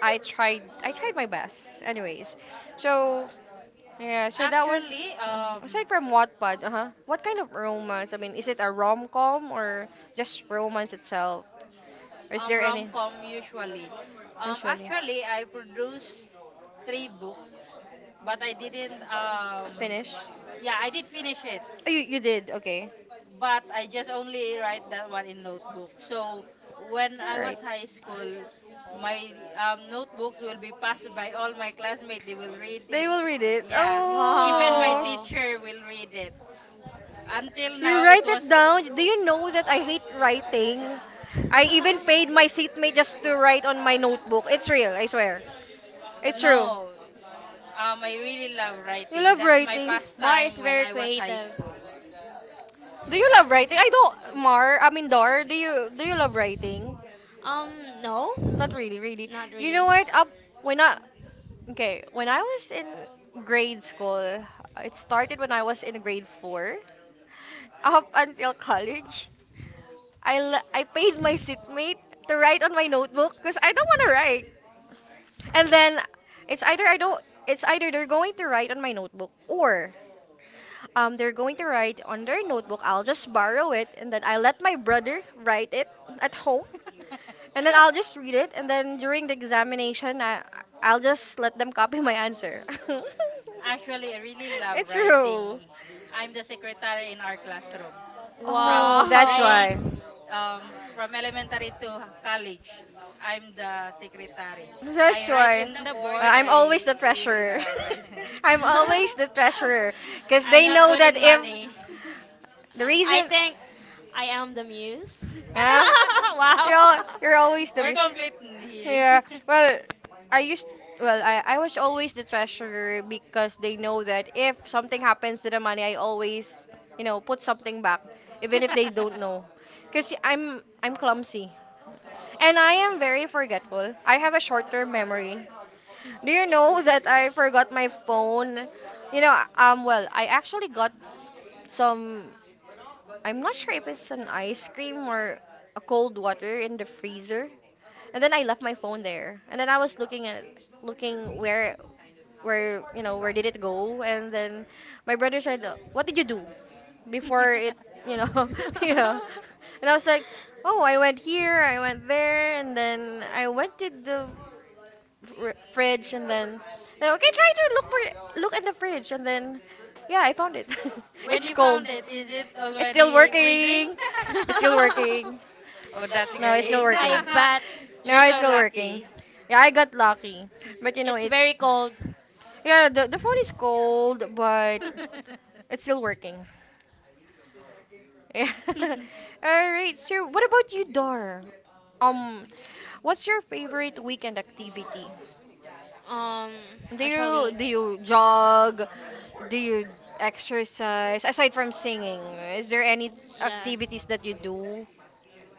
[SPEAKER 1] I tried. I tried my best. Anyways, so yeah, so that was.
[SPEAKER 3] Actually, um,
[SPEAKER 1] Aside from Wattpad, uh-huh, what kind of romance? I mean, is it a rom-com or just romance itself? Or is there any
[SPEAKER 3] rom-com usually.
[SPEAKER 1] usually
[SPEAKER 3] Actually, I produced three books, but I didn't.
[SPEAKER 1] finish?
[SPEAKER 3] Yeah, I did finish it.
[SPEAKER 1] Oh, you did, okay.
[SPEAKER 3] But I just only write that one in notebook. So when I was high school, my notebooks will be passed by all my classmates. They will read
[SPEAKER 1] They
[SPEAKER 3] it.
[SPEAKER 1] will read it.
[SPEAKER 3] Yeah, even my
[SPEAKER 1] Oh.
[SPEAKER 2] Wow.
[SPEAKER 3] teacher will read it. Until
[SPEAKER 1] You
[SPEAKER 3] now, it
[SPEAKER 1] write
[SPEAKER 3] was
[SPEAKER 1] it down. Do you know that I hate writing? I even paid my seatmate just to write on my notebook. It's real, I swear. It's true.
[SPEAKER 3] no. I really love
[SPEAKER 1] You
[SPEAKER 3] writing.
[SPEAKER 1] love
[SPEAKER 3] That's my
[SPEAKER 1] writing.
[SPEAKER 2] Mar
[SPEAKER 3] pastime
[SPEAKER 2] is
[SPEAKER 3] when
[SPEAKER 2] very
[SPEAKER 3] I was high
[SPEAKER 2] creative.
[SPEAKER 3] school.
[SPEAKER 1] Do you love writing? I don't, Mar. I mean, Dar. Do you love writing?
[SPEAKER 2] Um, no,
[SPEAKER 1] Not really, really.
[SPEAKER 2] not
[SPEAKER 1] You
[SPEAKER 2] really.
[SPEAKER 1] know what? Up when I Okay, when I was in grade school, it started when I was in grade 4 up until college. I paid my seatmate to write on my notebook because I don't want to write. And then it's either I don't it's either they're going to write on my notebook or they're going to write on their notebook. I'll just borrow it and then I let my brother write it at home and then I'll just read it and then during the examination I'll just let them copy my answer.
[SPEAKER 3] Actually, I really love
[SPEAKER 1] It's true.
[SPEAKER 3] writing. I'm the secretary in our classroom. From
[SPEAKER 1] Oh, that's
[SPEAKER 2] Wow.
[SPEAKER 1] why.
[SPEAKER 3] grades, from elementary to college, I'm the secretary.
[SPEAKER 1] That's
[SPEAKER 3] I write
[SPEAKER 1] why.
[SPEAKER 3] in the board.
[SPEAKER 1] I'm always
[SPEAKER 3] I
[SPEAKER 1] the
[SPEAKER 3] really
[SPEAKER 1] treasurer.
[SPEAKER 3] love writing.
[SPEAKER 1] I'm always the treasurer. Because
[SPEAKER 3] I'm
[SPEAKER 1] they
[SPEAKER 3] not
[SPEAKER 1] know
[SPEAKER 3] good
[SPEAKER 1] that
[SPEAKER 3] in
[SPEAKER 1] if
[SPEAKER 3] money.
[SPEAKER 1] the
[SPEAKER 2] I
[SPEAKER 1] reason.
[SPEAKER 2] think I am the muse.
[SPEAKER 1] Huh?
[SPEAKER 2] Wow.
[SPEAKER 1] You're always the.
[SPEAKER 3] We're complete here.
[SPEAKER 1] Yeah. Well, I used. Well, I was always the treasurer because they know that if something happens to the money, I always, you know, put something back, even if they don't know. Because I'm clumsy. And I am very forgetful. I have a short-term memory. Do you know that I forgot my phone? You know, well, I actually got some. I'm not sure if it's an ice cream or a cold water in the freezer. And then I left my phone there. And then I was looking where you know where did it go and then my brother said what did you do before it you know yeah and I was like oh I went here I went there and then I went to the fridge and then "Now, okay try to look at the fridge and then yeah I found it
[SPEAKER 3] When
[SPEAKER 1] it's
[SPEAKER 3] you
[SPEAKER 1] cold
[SPEAKER 3] found it, is it
[SPEAKER 1] it's still
[SPEAKER 3] already freezing?
[SPEAKER 1] working it's still working
[SPEAKER 3] Oh, that's
[SPEAKER 1] no it's still
[SPEAKER 3] great.
[SPEAKER 1] working
[SPEAKER 2] I bet
[SPEAKER 1] no
[SPEAKER 3] You're
[SPEAKER 1] it's
[SPEAKER 3] so
[SPEAKER 1] still working
[SPEAKER 3] lucky.
[SPEAKER 1] yeah I got lucky but you know
[SPEAKER 2] it's
[SPEAKER 1] it
[SPEAKER 2] very cold.
[SPEAKER 1] yeah, the phone is cold, but it's still working. Yeah. All right. So, what about you, Dar? Um, what's your favorite weekend activity?
[SPEAKER 2] Um,
[SPEAKER 1] Do you
[SPEAKER 2] actually.
[SPEAKER 1] do you jog? Do you exercise aside from singing? Is there any
[SPEAKER 2] Yeah.
[SPEAKER 1] activities that you do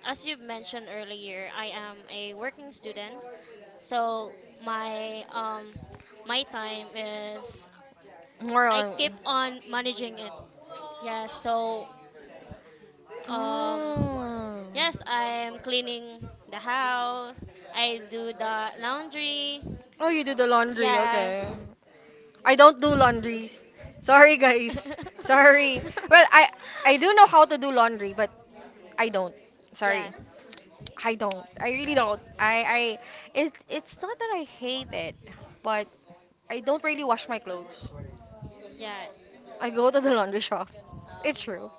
[SPEAKER 2] As you mentioned earlier, I am a working student, so my um, time is
[SPEAKER 1] more
[SPEAKER 2] I
[SPEAKER 1] on?
[SPEAKER 2] keep on managing it. Yeah, so um,
[SPEAKER 1] Oh.
[SPEAKER 2] yes, I'm cleaning the house. I do the laundry. Oh,
[SPEAKER 1] Oh, you do the laundry.
[SPEAKER 2] yes.
[SPEAKER 1] Okay. I don't do laundries. Sorry, guys.
[SPEAKER 2] Sorry.
[SPEAKER 1] Sorry. Well, I do know how to do laundry, but I don't. Sorry,
[SPEAKER 2] Yeah,
[SPEAKER 1] I don't. I really don't. I it it's not that I hate it, but I don't really wash my clothes.
[SPEAKER 2] yeah,
[SPEAKER 1] I go to the laundry shop. It's true.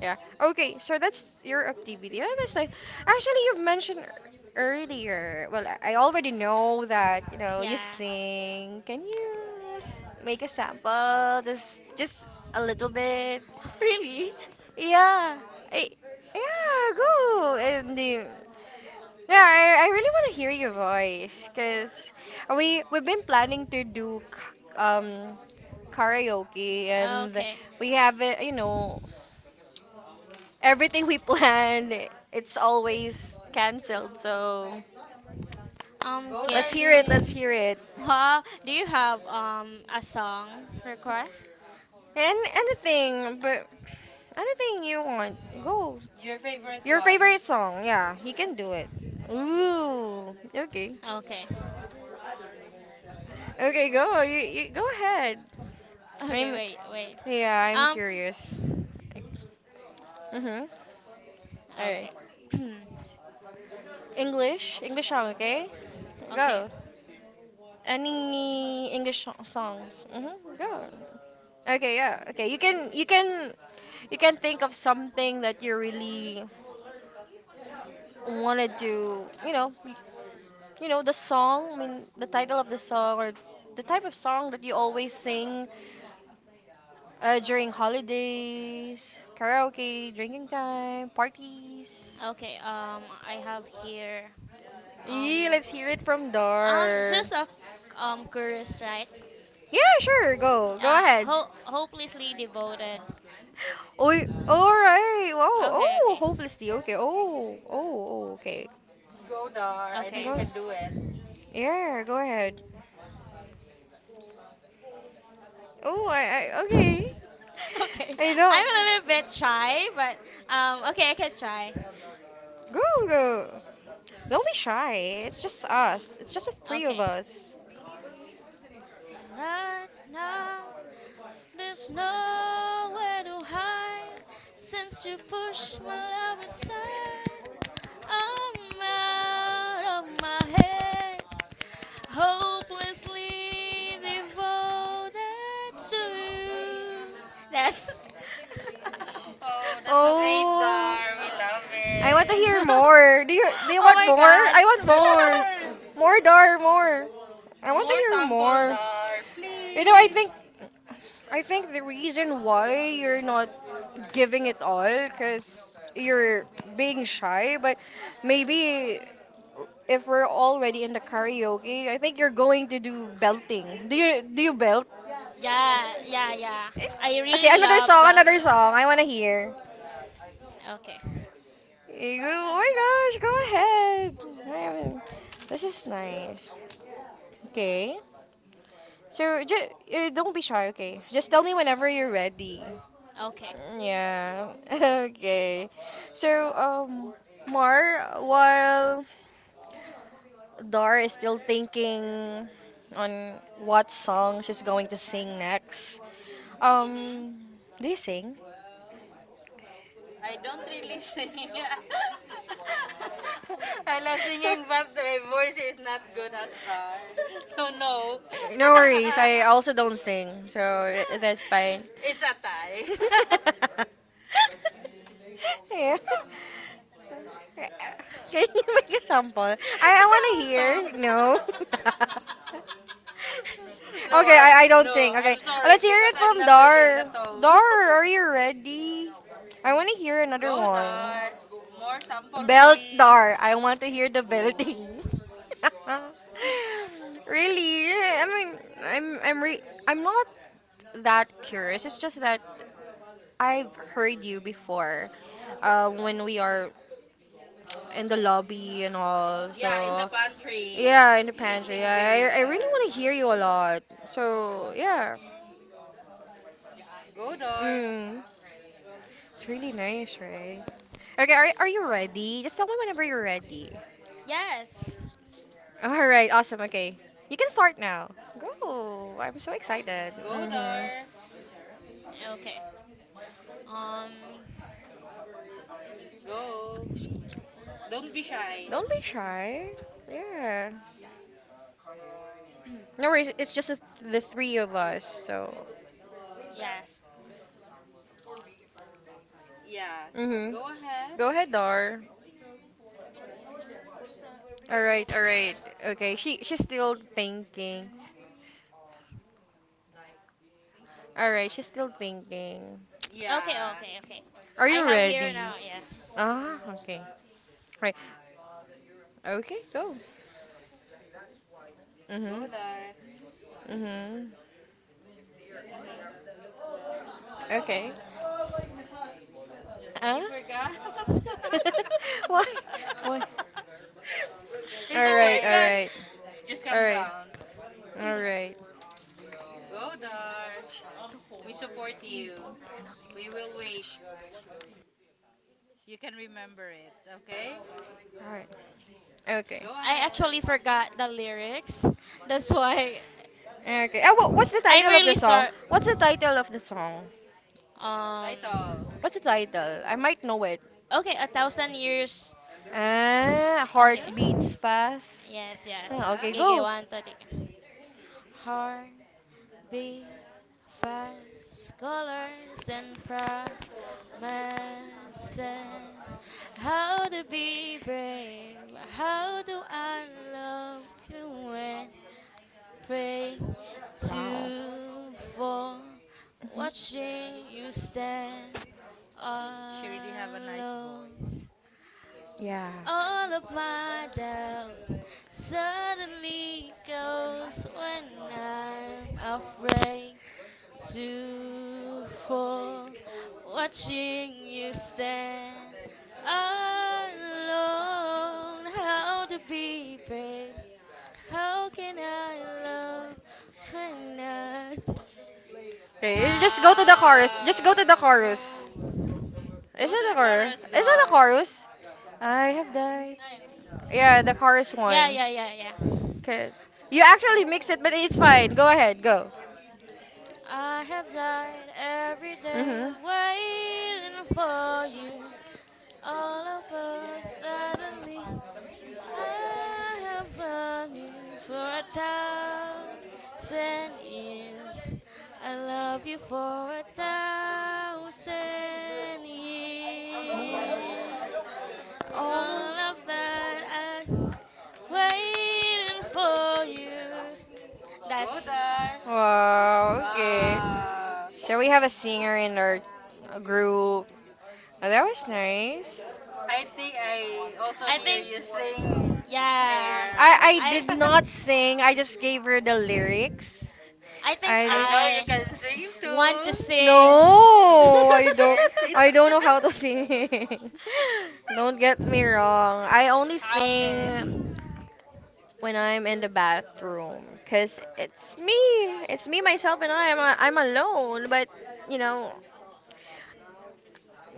[SPEAKER 1] Yeah. Okay, so that's your activity. And that's like, actually, you've mentioned earlier. Well, I already know that, you know, you
[SPEAKER 2] yeah.
[SPEAKER 1] sing. Can you just make a sample? Just a little bit.
[SPEAKER 2] Really?
[SPEAKER 1] Yeah. I, yeah, go. And yeah, I really want to hear your voice cuz we've been planning to do karaoke and
[SPEAKER 2] Okay.
[SPEAKER 1] we have you know Everything we plan, it's always canceled. So
[SPEAKER 3] Go,
[SPEAKER 2] Get.
[SPEAKER 1] let's hear it. Let's
[SPEAKER 3] Darlene.
[SPEAKER 1] hear it.
[SPEAKER 2] It. Wow. Do you have um, a song request?
[SPEAKER 1] And anything, but anything you want, go.
[SPEAKER 3] Your favorite
[SPEAKER 1] Your
[SPEAKER 3] one.
[SPEAKER 1] favorite song, yeah, you can do it. Ooh, okay,
[SPEAKER 2] Okay.
[SPEAKER 1] okay, go. You go ahead.
[SPEAKER 2] Okay.
[SPEAKER 1] I'm
[SPEAKER 2] Wait. Wait.
[SPEAKER 1] yeah, I'm curious.
[SPEAKER 2] Um,
[SPEAKER 1] Mhm. All
[SPEAKER 2] curious.
[SPEAKER 1] right.
[SPEAKER 2] Okay.
[SPEAKER 1] English, English song, okay?
[SPEAKER 2] Okay.
[SPEAKER 1] Go. Any English songs? Mm-hmm. Go. Okay, yeah. Okay, you can you can think of something that you really want to do. You know, you know the song. I mean, the title of the song or the type of song that you always sing during holidays, karaoke, drinking time, parties.
[SPEAKER 2] Okay. Um, I have here. Um.
[SPEAKER 1] Yee, let's hear it from Dar.
[SPEAKER 2] Just a um, curious, right?
[SPEAKER 1] Yeah, sure. Go. Go ahead.
[SPEAKER 2] Hopelessly devoted.
[SPEAKER 1] Oh, all right. Wow.
[SPEAKER 2] Okay,
[SPEAKER 1] Oh,
[SPEAKER 2] okay,
[SPEAKER 1] hopelessly. Okay. Oh, oh, oh. Okay.
[SPEAKER 3] Go,
[SPEAKER 2] oh, oh,
[SPEAKER 3] Dar. I know
[SPEAKER 2] okay.
[SPEAKER 3] you can
[SPEAKER 1] Go.
[SPEAKER 3] do it.
[SPEAKER 1] Yeah. Go ahead. Oh, I. I
[SPEAKER 2] Okay. I
[SPEAKER 1] okay.
[SPEAKER 2] okay. Okay,
[SPEAKER 1] I
[SPEAKER 2] I'm
[SPEAKER 1] don't.
[SPEAKER 2] a little bit shy, but okay, I can try.
[SPEAKER 1] Go, go. Don't be shy. It's just us. It's just the three of
[SPEAKER 2] Okay.
[SPEAKER 1] us.
[SPEAKER 2] But now there's nowhere to hide since you pushed my love aside. I'm out of my head, hopelessly devoted to you. That's.
[SPEAKER 3] Oh, that's so great,
[SPEAKER 1] Oh.
[SPEAKER 3] Dar. We love
[SPEAKER 1] I want to
[SPEAKER 3] it.
[SPEAKER 1] hear
[SPEAKER 2] Oh
[SPEAKER 1] more. Do you want
[SPEAKER 2] my
[SPEAKER 1] more?
[SPEAKER 2] god.
[SPEAKER 1] I want more.
[SPEAKER 3] More.
[SPEAKER 1] More dar, more. I want to
[SPEAKER 3] More
[SPEAKER 1] hear
[SPEAKER 3] sample,
[SPEAKER 1] more.
[SPEAKER 3] Dar.
[SPEAKER 1] You know,
[SPEAKER 3] Please.
[SPEAKER 1] I think the reason why you're not giving it all because you're being shy, but maybe if we're already in the karaoke, I think you're going to do belting. Do you belt?
[SPEAKER 2] Yeah, yeah, yeah.
[SPEAKER 1] Eh,
[SPEAKER 2] I
[SPEAKER 1] okay,
[SPEAKER 2] really
[SPEAKER 1] another
[SPEAKER 2] love
[SPEAKER 1] song, another
[SPEAKER 2] belting.
[SPEAKER 1] song. I wanna hear.
[SPEAKER 2] Okay,
[SPEAKER 1] Go, oh my gosh, go ahead. I haven't- this is nice. Okay. So don't be shy, okay? Just tell me whenever you're ready.
[SPEAKER 2] okay.
[SPEAKER 1] Yeah. Okay. So, Mar, while Dar is still thinking on what song she's going to sing next,
[SPEAKER 3] Mm-hmm.
[SPEAKER 1] um, do you sing?
[SPEAKER 3] I don't really sing. I love singing, but my voice is not good as that. So no.
[SPEAKER 1] No worries. I also don't sing, so I- that's fine.
[SPEAKER 3] It's a tie.
[SPEAKER 1] yeah. Can you make a sample? I want to
[SPEAKER 3] no.
[SPEAKER 1] hear. No.
[SPEAKER 3] No,
[SPEAKER 1] okay,
[SPEAKER 3] I
[SPEAKER 1] I don't
[SPEAKER 3] no.
[SPEAKER 1] sing. Okay,
[SPEAKER 3] I'm sorry
[SPEAKER 1] Let's hear
[SPEAKER 3] because
[SPEAKER 1] it
[SPEAKER 3] I'm
[SPEAKER 1] from in
[SPEAKER 3] not really in the
[SPEAKER 1] Dar.
[SPEAKER 3] tone.
[SPEAKER 1] Dar, are you ready? I want to hear another
[SPEAKER 3] Go
[SPEAKER 1] one.
[SPEAKER 3] Dar. More sample, please.
[SPEAKER 1] Beltar. I want to hear the belting. really? I mean, I'm not that curious. It's just that I've heard you before, when we are in the lobby and all. So
[SPEAKER 3] yeah, in the
[SPEAKER 1] yeah,
[SPEAKER 3] pantry.
[SPEAKER 1] in the
[SPEAKER 3] She
[SPEAKER 1] pantry.
[SPEAKER 3] sing very
[SPEAKER 1] I really
[SPEAKER 3] well.
[SPEAKER 1] want to hear you a lot. So yeah.
[SPEAKER 3] Go Dar.
[SPEAKER 1] Mm, it's really nice, right? Okay, are you ready? Just tell me whenever you're ready.
[SPEAKER 2] Yes.
[SPEAKER 1] All right, awesome. Okay. You can start now. Go. I'm so excited. Go,
[SPEAKER 3] Go,
[SPEAKER 1] Mhm. Dar.
[SPEAKER 3] Dar.
[SPEAKER 2] Okay. Um.
[SPEAKER 3] Go. Don't
[SPEAKER 1] Don't
[SPEAKER 3] be
[SPEAKER 1] be shy.
[SPEAKER 3] shy.
[SPEAKER 1] Don't be shy. Yeah. No worries. It's just the three of us, so.
[SPEAKER 2] Yes.
[SPEAKER 1] Yeah.
[SPEAKER 3] Yeah.
[SPEAKER 1] Mhm. Go
[SPEAKER 3] Go ahead.
[SPEAKER 1] ahead, go ahead, Dar. All right, all right. Okay. She's still thinking. All right, she's still thinking.
[SPEAKER 2] Okay,
[SPEAKER 3] Yeah.
[SPEAKER 2] okay, okay.
[SPEAKER 1] Are
[SPEAKER 2] I
[SPEAKER 1] you
[SPEAKER 2] have here
[SPEAKER 1] ready?
[SPEAKER 2] now.
[SPEAKER 1] Ah, okay. Right. Okay, go. Go,
[SPEAKER 3] Go,
[SPEAKER 1] Mhm.
[SPEAKER 3] Dar.
[SPEAKER 1] Dar. Mhm.
[SPEAKER 3] Hmm.
[SPEAKER 1] Okay.
[SPEAKER 2] Yeah.
[SPEAKER 3] Did you
[SPEAKER 1] Ah.
[SPEAKER 3] forget?
[SPEAKER 1] Why? Why? It's all
[SPEAKER 3] it's
[SPEAKER 2] Oh
[SPEAKER 1] right,
[SPEAKER 2] my
[SPEAKER 3] okay.
[SPEAKER 2] god.
[SPEAKER 1] right,
[SPEAKER 3] Just
[SPEAKER 1] all
[SPEAKER 3] calm
[SPEAKER 1] right,
[SPEAKER 3] down.
[SPEAKER 1] all right,
[SPEAKER 3] Go, Dar. We support you. We will wait. You can remember it, okay?
[SPEAKER 1] all right. Okay,
[SPEAKER 3] Go
[SPEAKER 2] I
[SPEAKER 3] ahead.
[SPEAKER 2] actually forgot the lyrics. That's why
[SPEAKER 1] ahead. Okay. Oh, what, what's the
[SPEAKER 2] I'm
[SPEAKER 1] title of
[SPEAKER 2] really
[SPEAKER 1] the song?
[SPEAKER 2] sorry.
[SPEAKER 1] What's the title of the song?
[SPEAKER 3] Title.
[SPEAKER 2] Um,
[SPEAKER 1] What's the title? I might know it.
[SPEAKER 2] okay, a thousand years.
[SPEAKER 1] Ah, heart
[SPEAKER 3] Yeah.
[SPEAKER 2] Okay.
[SPEAKER 1] beats fast.
[SPEAKER 2] Yes, yes.
[SPEAKER 1] Ah,
[SPEAKER 3] Yeah.
[SPEAKER 1] okay,
[SPEAKER 2] GG
[SPEAKER 1] go.
[SPEAKER 2] one to take. Heart beat fast colors and pride. Man says, how to be brave? How do I love you when pray
[SPEAKER 1] Wow.
[SPEAKER 2] to fall?
[SPEAKER 1] Hmm.
[SPEAKER 2] Watching you stand
[SPEAKER 3] She really have a nice voice.
[SPEAKER 2] alone.
[SPEAKER 1] Yeah.
[SPEAKER 2] All of my doubt suddenly goes when I'm afraid to for watching you stand alone. How to be brave? How can I love when I?
[SPEAKER 3] Wow.
[SPEAKER 1] Okay, you just go to the chorus. Just go to the
[SPEAKER 3] Wow.
[SPEAKER 1] chorus.
[SPEAKER 3] Go.
[SPEAKER 1] Wow. Is
[SPEAKER 3] Go
[SPEAKER 1] it
[SPEAKER 3] to
[SPEAKER 1] to the
[SPEAKER 3] the
[SPEAKER 1] chorus?
[SPEAKER 3] chorus
[SPEAKER 1] Is it the
[SPEAKER 3] door.
[SPEAKER 1] chorus? I have died. Yeah, the chorus
[SPEAKER 2] Yeah,
[SPEAKER 1] one.
[SPEAKER 2] yeah, yeah, yeah.
[SPEAKER 1] Okay. You actually mix it, but it's fine. Go ahead, go.
[SPEAKER 2] I have died every day
[SPEAKER 1] Mm-hmm.
[SPEAKER 2] waiting for you. All of us suddenly I have longings for a thousand years. I love you for a thousand
[SPEAKER 3] Mo.
[SPEAKER 2] years.
[SPEAKER 1] Oh.
[SPEAKER 2] All of that I'm waiting for you.
[SPEAKER 3] Go
[SPEAKER 2] That's.
[SPEAKER 3] there.
[SPEAKER 1] Wow, okay.
[SPEAKER 3] Ah.
[SPEAKER 1] So we have a singer in our group. Oh, that was nice.
[SPEAKER 3] I think I also
[SPEAKER 2] I
[SPEAKER 3] hear
[SPEAKER 2] think.
[SPEAKER 3] you sing.
[SPEAKER 2] Yeah.
[SPEAKER 3] Air.
[SPEAKER 1] I
[SPEAKER 2] I.
[SPEAKER 1] did not sing. I just gave her the lyrics.
[SPEAKER 2] I think
[SPEAKER 1] I
[SPEAKER 3] I know you
[SPEAKER 2] I
[SPEAKER 3] can sing
[SPEAKER 2] want
[SPEAKER 3] too.
[SPEAKER 2] to
[SPEAKER 1] just
[SPEAKER 2] sing.
[SPEAKER 1] no,
[SPEAKER 3] Yes.
[SPEAKER 1] I don't know how to sing. Don't get me wrong. I only
[SPEAKER 3] Okay.
[SPEAKER 1] sing when I'm in the bathroom, cause it's me myself and I. I'm alone, but you know,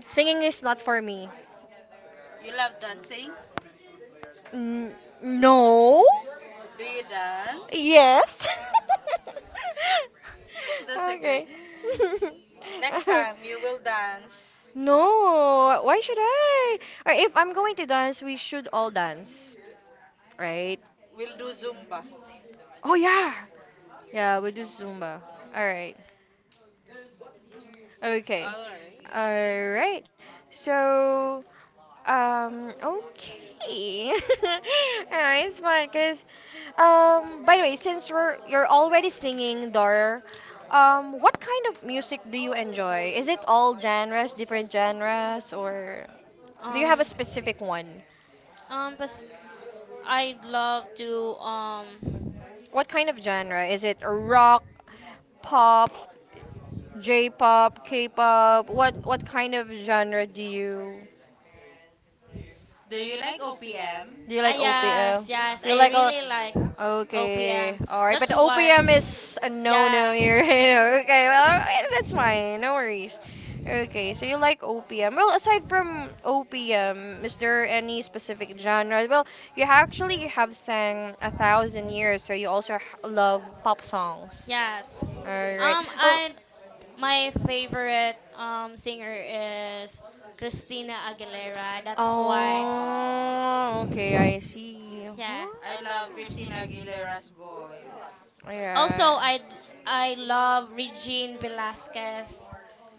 [SPEAKER 1] singing is not for me.
[SPEAKER 3] You love dancing?
[SPEAKER 1] N- no.
[SPEAKER 3] Do you dance?
[SPEAKER 1] Yes.
[SPEAKER 3] That's a great.
[SPEAKER 1] Okay.
[SPEAKER 3] Next time you will dance,
[SPEAKER 1] No, why should I? Or if I'm going to dance, we should all dance, right?
[SPEAKER 3] we'll do Zumba.
[SPEAKER 1] Oh yeah. Yeah, we do Zumba. All right. Okay.
[SPEAKER 3] Alright.
[SPEAKER 1] All right. So okay. Ah, it's fun because, by the way, since we're you're already singing, Dor. What kind of music do you enjoy? Is it all genres, different genres, or do you have a
[SPEAKER 2] Um.
[SPEAKER 1] specific one?
[SPEAKER 2] But I'd love to
[SPEAKER 1] What kind of genre? Is it rock, pop, J-pop, K-pop? What kind of genre do you?
[SPEAKER 3] Do you like OPM?
[SPEAKER 1] Do you
[SPEAKER 2] ah,
[SPEAKER 1] like
[SPEAKER 2] yes,
[SPEAKER 1] OPM?
[SPEAKER 2] yes,
[SPEAKER 1] You
[SPEAKER 2] I
[SPEAKER 1] like o
[SPEAKER 2] really like OPM.
[SPEAKER 1] Okay, alright.
[SPEAKER 2] That's
[SPEAKER 1] But
[SPEAKER 2] why
[SPEAKER 1] OPM is a no-no
[SPEAKER 2] yeah.
[SPEAKER 1] here. Okay, well, that's fine. No worries. Okay, so you like OPM. Well, aside from OPM, is there any specific genre? Well, you actually have sang a thousand years, so you also love pop songs.
[SPEAKER 2] Yes.
[SPEAKER 1] Alright. Well,
[SPEAKER 2] I My favorite um, singer is Christina Aguilera. That's why
[SPEAKER 3] Wow.
[SPEAKER 1] oh, okay, I see.
[SPEAKER 2] yeah.
[SPEAKER 3] I
[SPEAKER 1] Huh?
[SPEAKER 3] love Christina Aguilera's voice.
[SPEAKER 2] Also,
[SPEAKER 1] Yeah.
[SPEAKER 2] I love Regine Velasquez.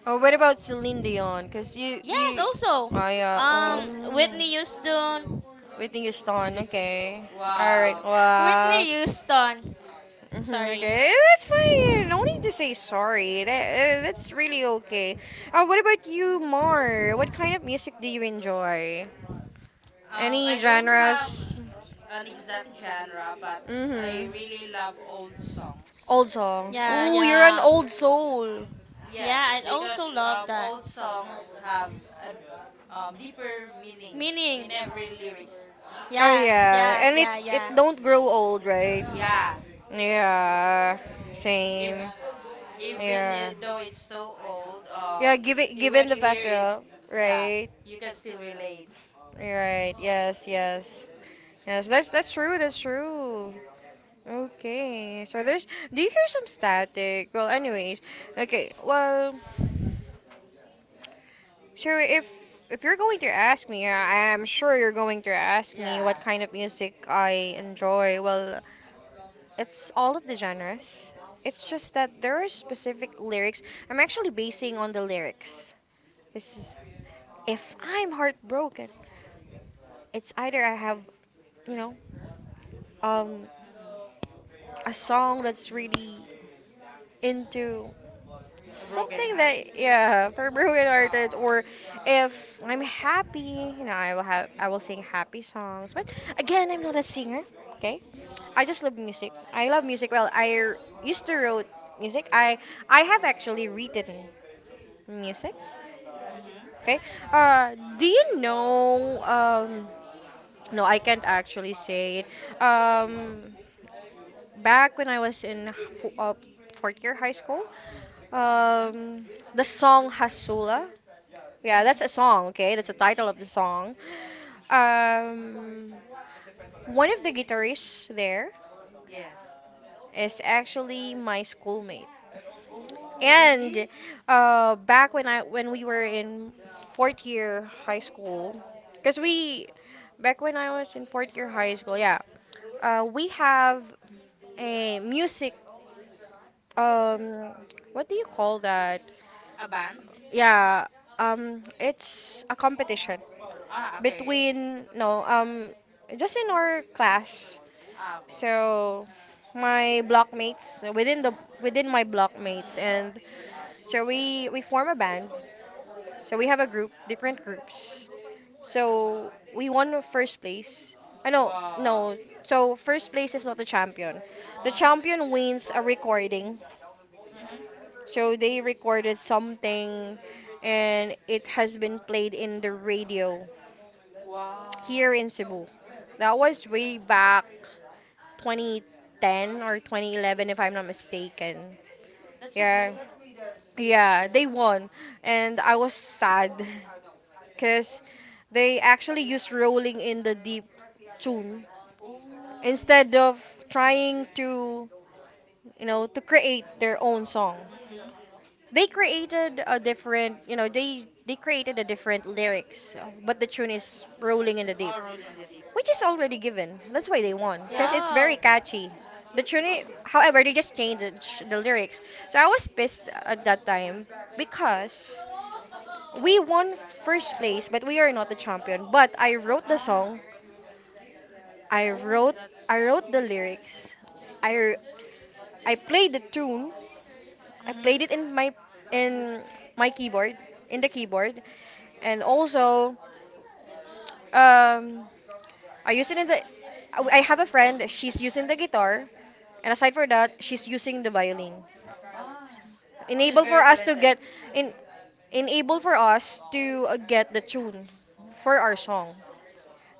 [SPEAKER 1] Oh, what about Celine Dion?
[SPEAKER 2] Yes, also.
[SPEAKER 1] Oh yeah,
[SPEAKER 2] Whitney Houston.
[SPEAKER 1] Whitney Houston. Okay. All right.
[SPEAKER 3] Wow.
[SPEAKER 2] Whitney
[SPEAKER 1] Wow.
[SPEAKER 2] Houston.
[SPEAKER 1] Hmm,
[SPEAKER 2] Sorry.
[SPEAKER 1] okay, that's fine. No need to say sorry. That's really okay. What about you, Mar? What kind of music do you enjoy? Any
[SPEAKER 3] I don't have
[SPEAKER 1] genres? I
[SPEAKER 3] an exact genre, but I
[SPEAKER 1] Mm-hmm.
[SPEAKER 3] really love old songs.
[SPEAKER 1] Old songs.
[SPEAKER 2] Yeah,
[SPEAKER 3] Yeah.
[SPEAKER 1] Oh, you're an
[SPEAKER 2] yeah.
[SPEAKER 1] old soul.
[SPEAKER 3] Yes,
[SPEAKER 2] Yeah, I also
[SPEAKER 3] because
[SPEAKER 2] love that.
[SPEAKER 3] old songs have a deeper meaning in
[SPEAKER 2] Meaning.
[SPEAKER 3] every lyrics.
[SPEAKER 1] Oh
[SPEAKER 2] Yes,
[SPEAKER 1] yeah,
[SPEAKER 2] yes,
[SPEAKER 1] and it
[SPEAKER 2] yeah, yeah.
[SPEAKER 1] don't grow old, right?
[SPEAKER 3] Yeah,
[SPEAKER 1] Yeah,
[SPEAKER 3] if
[SPEAKER 1] same.
[SPEAKER 3] even
[SPEAKER 1] Yeah.
[SPEAKER 3] though it's so old,
[SPEAKER 1] Yeah, given
[SPEAKER 3] when
[SPEAKER 1] given the
[SPEAKER 3] you
[SPEAKER 1] fact,
[SPEAKER 3] hear it, yeah,
[SPEAKER 1] right,
[SPEAKER 3] you can still relate.
[SPEAKER 1] right, yes, yes, yes. That's true. That's true. Okay, so there's. Do you hear some static? Well, anyways, okay. Well. Sure, if you're going to ask me, I'm sure you're going to ask me what
[SPEAKER 3] Yeah,
[SPEAKER 1] kind of music I enjoy. Well, it's all of the genres. It's just that there are specific lyrics. I'm actually basing on the lyrics. This is if I'm heartbroken, it's either I have, you know, um
[SPEAKER 3] hmm
[SPEAKER 1] a song that's really into
[SPEAKER 3] a broken
[SPEAKER 1] something
[SPEAKER 3] heart.
[SPEAKER 1] that, yeah, for broken artists.
[SPEAKER 3] Yeah.
[SPEAKER 1] Or if I'm happy, I will sing happy songs. But again, I'm not a singer. Okay. I just love music. Well, used to wrote music. I have actually written music.
[SPEAKER 3] Mhm.
[SPEAKER 1] Okay. Do you know? No I can't actually say it. Back when I was in fo- uh, fourth year high school,
[SPEAKER 3] Mhm.
[SPEAKER 1] um the song Hasula. Yeah,
[SPEAKER 3] Mhm.
[SPEAKER 1] that's a song, okay? That's the title of the song. Um, one of the guitarists there
[SPEAKER 3] Yes.
[SPEAKER 1] is actually my schoolmate.
[SPEAKER 3] Oh, really?
[SPEAKER 1] And back when I when we were in fourth year high school, because we back when I was in fourth year high school, yeah, we have a music, um what do you call that?
[SPEAKER 3] A band?
[SPEAKER 1] Yeah, it's a competition.
[SPEAKER 3] Ah, okay, okay.
[SPEAKER 1] Between no Just in our class.
[SPEAKER 3] Ah, okay.
[SPEAKER 1] So my blockmates within the within my blockmates, and
[SPEAKER 3] Mm-hmm.
[SPEAKER 1] so we form a band. So we have a group different groups. So we won the first place. I know.
[SPEAKER 3] Wow.
[SPEAKER 1] No, so first place is not the champion. The
[SPEAKER 3] Mm-hmm.
[SPEAKER 1] champion wins a recording.
[SPEAKER 3] Mm-hmm.
[SPEAKER 1] So they recorded something, and it has been played in the radio
[SPEAKER 3] Wow.
[SPEAKER 1] here in Cebu. That was way back 2010 or 2011 if I'm not mistaken. Yeah. Cool. Yeah, they won, and I was sad cuz they actually used Rolling in the Deep tune
[SPEAKER 3] Oh.
[SPEAKER 1] instead of trying to, you know, to create their own song.
[SPEAKER 3] Mm-hmm.
[SPEAKER 1] They created a different, you know, they created a different lyrics, but the tune is Rolling in the Deep,
[SPEAKER 3] Oh, rolling the deep.
[SPEAKER 1] which is already given. That's why they won, because
[SPEAKER 3] Yeah.
[SPEAKER 1] it's
[SPEAKER 2] Wow.
[SPEAKER 1] very catchy. The tune, however, they just changed the the lyrics. So I was pissed at that time because we won first place, but we are not the champion. But I wrote the
[SPEAKER 3] Ah.
[SPEAKER 1] song. I
[SPEAKER 3] Oh,
[SPEAKER 1] wrote
[SPEAKER 3] that's
[SPEAKER 1] I wrote the lyrics. I I played the tune. I played
[SPEAKER 3] Mhm.
[SPEAKER 1] it in my keyboard, in the keyboard, and also um I use it in the. I
[SPEAKER 3] Mhm.
[SPEAKER 1] have a friend. She's using the guitar, and aside for that, she's using the violin.
[SPEAKER 3] Ah, she's
[SPEAKER 1] Enable
[SPEAKER 3] very
[SPEAKER 1] for us to
[SPEAKER 3] talented.
[SPEAKER 1] get in. Enable for us to get the tune for our song.